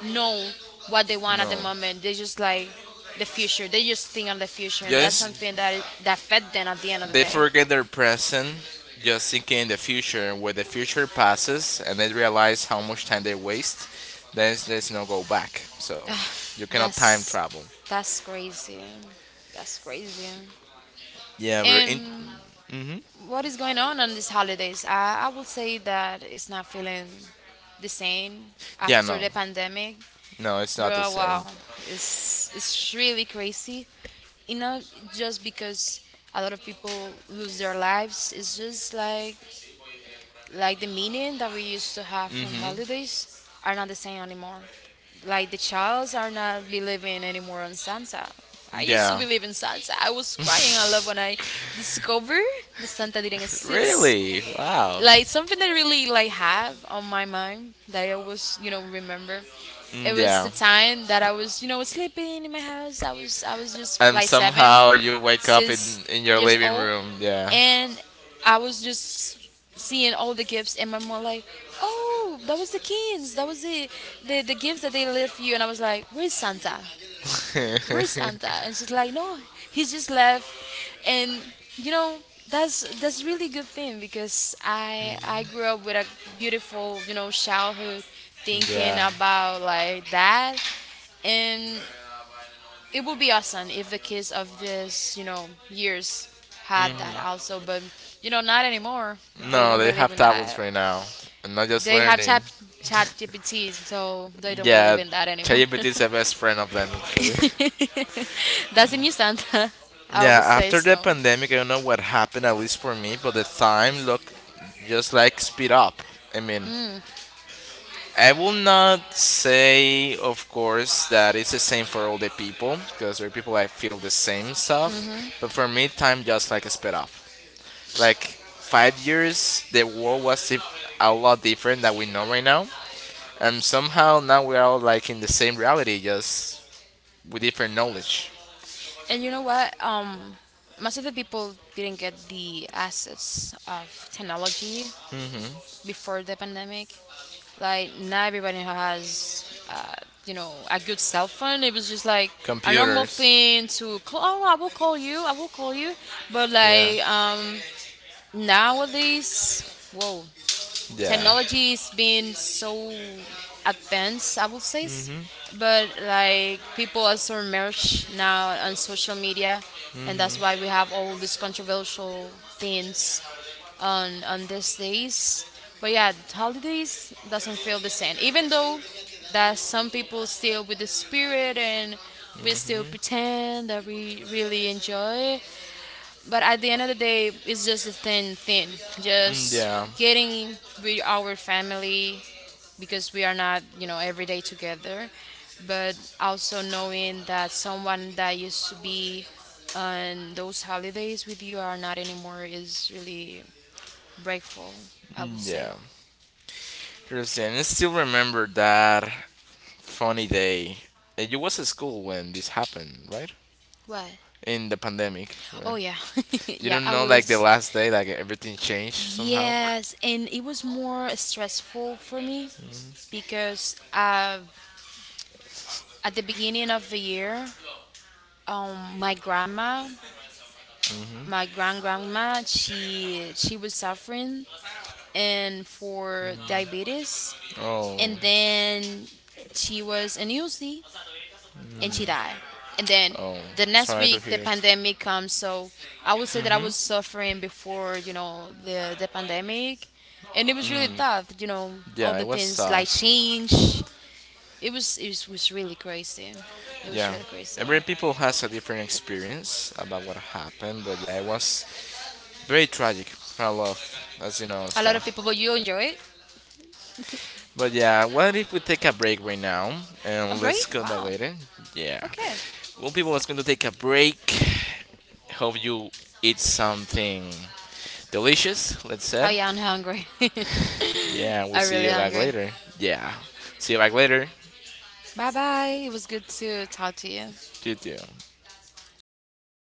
Speaker 2: know what they want at the
Speaker 1: No.
Speaker 2: moment. They just like the future. They just think on the future, and that's
Speaker 1: Just
Speaker 2: something that that fed them at the end of the
Speaker 1: They
Speaker 2: day.
Speaker 1: forget their present, just thinking in the future. When the future passes and they realize how much time they waste, then there's no go back. So you cannot time
Speaker 2: That's
Speaker 1: travel.
Speaker 2: that's crazy. That's crazy.
Speaker 1: Yeah, we're in.
Speaker 2: And
Speaker 1: Hmm.
Speaker 2: what is going on these holidays? I will say that it's not feeling the same
Speaker 1: Yeah,
Speaker 2: after
Speaker 1: no,
Speaker 2: the pandemic.
Speaker 1: no, it's not the
Speaker 2: Bro,
Speaker 1: same.
Speaker 2: wow, it's really crazy. You know, just because a lot of people lose their lives, it's just like the meaning that we used to have from
Speaker 1: Hmm.
Speaker 2: holidays are not the same anymore. Like the childs are not believing anymore on Santa. I used to
Speaker 1: Yeah.
Speaker 2: believe in Santa. I was crying a lot when I discovered that Santa didn't exist,
Speaker 1: Really? Wow.
Speaker 2: like something that really like have on my mind that I always you know remember. It
Speaker 1: Mm,
Speaker 2: was the
Speaker 1: yeah.
Speaker 2: time that I was you know sleeping in my house. I was just
Speaker 1: And
Speaker 2: like seven,
Speaker 1: somehow you wake up in
Speaker 2: six
Speaker 1: in your
Speaker 2: years
Speaker 1: living
Speaker 2: old,
Speaker 1: room. Yeah.
Speaker 2: and I was just seeing all the gifts, and my mom like, oh, that was the kids. That was the the gifts that they left you, and I was like, where's Santa? Where's Santa? And she's like, no, he's just left. And you know, that's really good thing because I grew up with a beautiful you know childhood thinking
Speaker 1: Yeah.
Speaker 2: about like that, and it would be awesome if the kids of this you know years had that also. But you know, not anymore. They
Speaker 1: No,
Speaker 2: don't
Speaker 1: they
Speaker 2: believe
Speaker 1: have
Speaker 2: in
Speaker 1: tablets
Speaker 2: that.
Speaker 1: right now, and not just
Speaker 2: They have
Speaker 1: learning.
Speaker 2: chat GPTs, so they don't believe
Speaker 1: Yeah.
Speaker 2: in that anymore.
Speaker 1: ChatGPT is the best friend of them, actually.
Speaker 2: That's a new Santa, I
Speaker 1: Yeah,
Speaker 2: would say
Speaker 1: after the
Speaker 2: so.
Speaker 1: pandemic, I don't know what happened, at least for me, but the time look just like speed up. I mean, I will not say, of course, that it's the same for all the people, because there are people that feel the same stuff. But for me, time just like sped up. Like 5 years, the world was a lot different than we know right now, and somehow now we are all like in the same reality, just with different knowledge.
Speaker 2: And you know what? Most of the people didn't get the assets of technology
Speaker 1: Hmm.
Speaker 2: before the pandemic. Like not everybody has, you know, a good cell phone. It was just like a normal
Speaker 1: Computers.
Speaker 2: thing to call. Oh, I will call you. I will call you. But
Speaker 1: Yeah.
Speaker 2: like nowadays, whoa.
Speaker 1: Yeah.
Speaker 2: Technology is being so advanced, I would say,
Speaker 1: Hmm.
Speaker 2: but like people are so immersed now on social media, and that's why we have all these controversial things on these days. But yeah, holidays doesn't feel the same, even though that some people still with the spirit and we still
Speaker 1: Hmm.
Speaker 2: pretend that we really enjoy, but at the end of the day, it's just a thin thing. Just
Speaker 1: Yeah.
Speaker 2: getting with our family because we are not, you know, every day together. But also knowing that someone that used to be on those holidays with you are not anymore is really breakful, I would
Speaker 1: Mm,
Speaker 2: say.
Speaker 1: yeah. Christian, I still remember that funny day. You was at school when this happened, right?
Speaker 2: What?
Speaker 1: In the pandemic, where
Speaker 2: Oh yeah,
Speaker 1: you
Speaker 2: yeah.
Speaker 1: don't
Speaker 2: I
Speaker 1: know, like the
Speaker 2: was,
Speaker 1: last day, like everything changed somehow.
Speaker 2: yes, and it was more stressful for me because at the beginning of the year, my grandma, my grandma, she was suffering and for diabetes,
Speaker 1: Oh,
Speaker 2: and then she was in UC and she died, and then
Speaker 1: oh,
Speaker 2: the next
Speaker 1: sorry to
Speaker 2: week the
Speaker 1: hear.
Speaker 2: pandemic comes. So I would say that I
Speaker 1: Mhm.
Speaker 2: was suffering before you know the pandemic, and it was really
Speaker 1: Mm.
Speaker 2: tough, you know, all
Speaker 1: Yeah,
Speaker 2: the
Speaker 1: it was
Speaker 2: things
Speaker 1: sad.
Speaker 2: like change. It was it was really crazy. It was
Speaker 1: Yeah.
Speaker 2: really crazy.
Speaker 1: Every people has a different experience about what happened, but yeah, it was very tragic for a lot, of, as you know,
Speaker 2: A lot of
Speaker 1: stuff.
Speaker 2: people, but you enjoy it.
Speaker 1: But yeah, what if we take a break right now
Speaker 2: A
Speaker 1: and
Speaker 2: break,
Speaker 1: let's come back
Speaker 2: wow.
Speaker 1: later? Yeah.
Speaker 2: Okay.
Speaker 1: Well, people, it's going to take a break. Hope you eat something delicious, let's say.
Speaker 2: Oh yeah, I'm hungry.
Speaker 1: Yeah, we'll
Speaker 2: I'm
Speaker 1: see
Speaker 2: really
Speaker 1: you back
Speaker 2: hungry.
Speaker 1: later. Yeah. See you back later.
Speaker 2: Bye bye. It was good to talk to you.
Speaker 1: You too.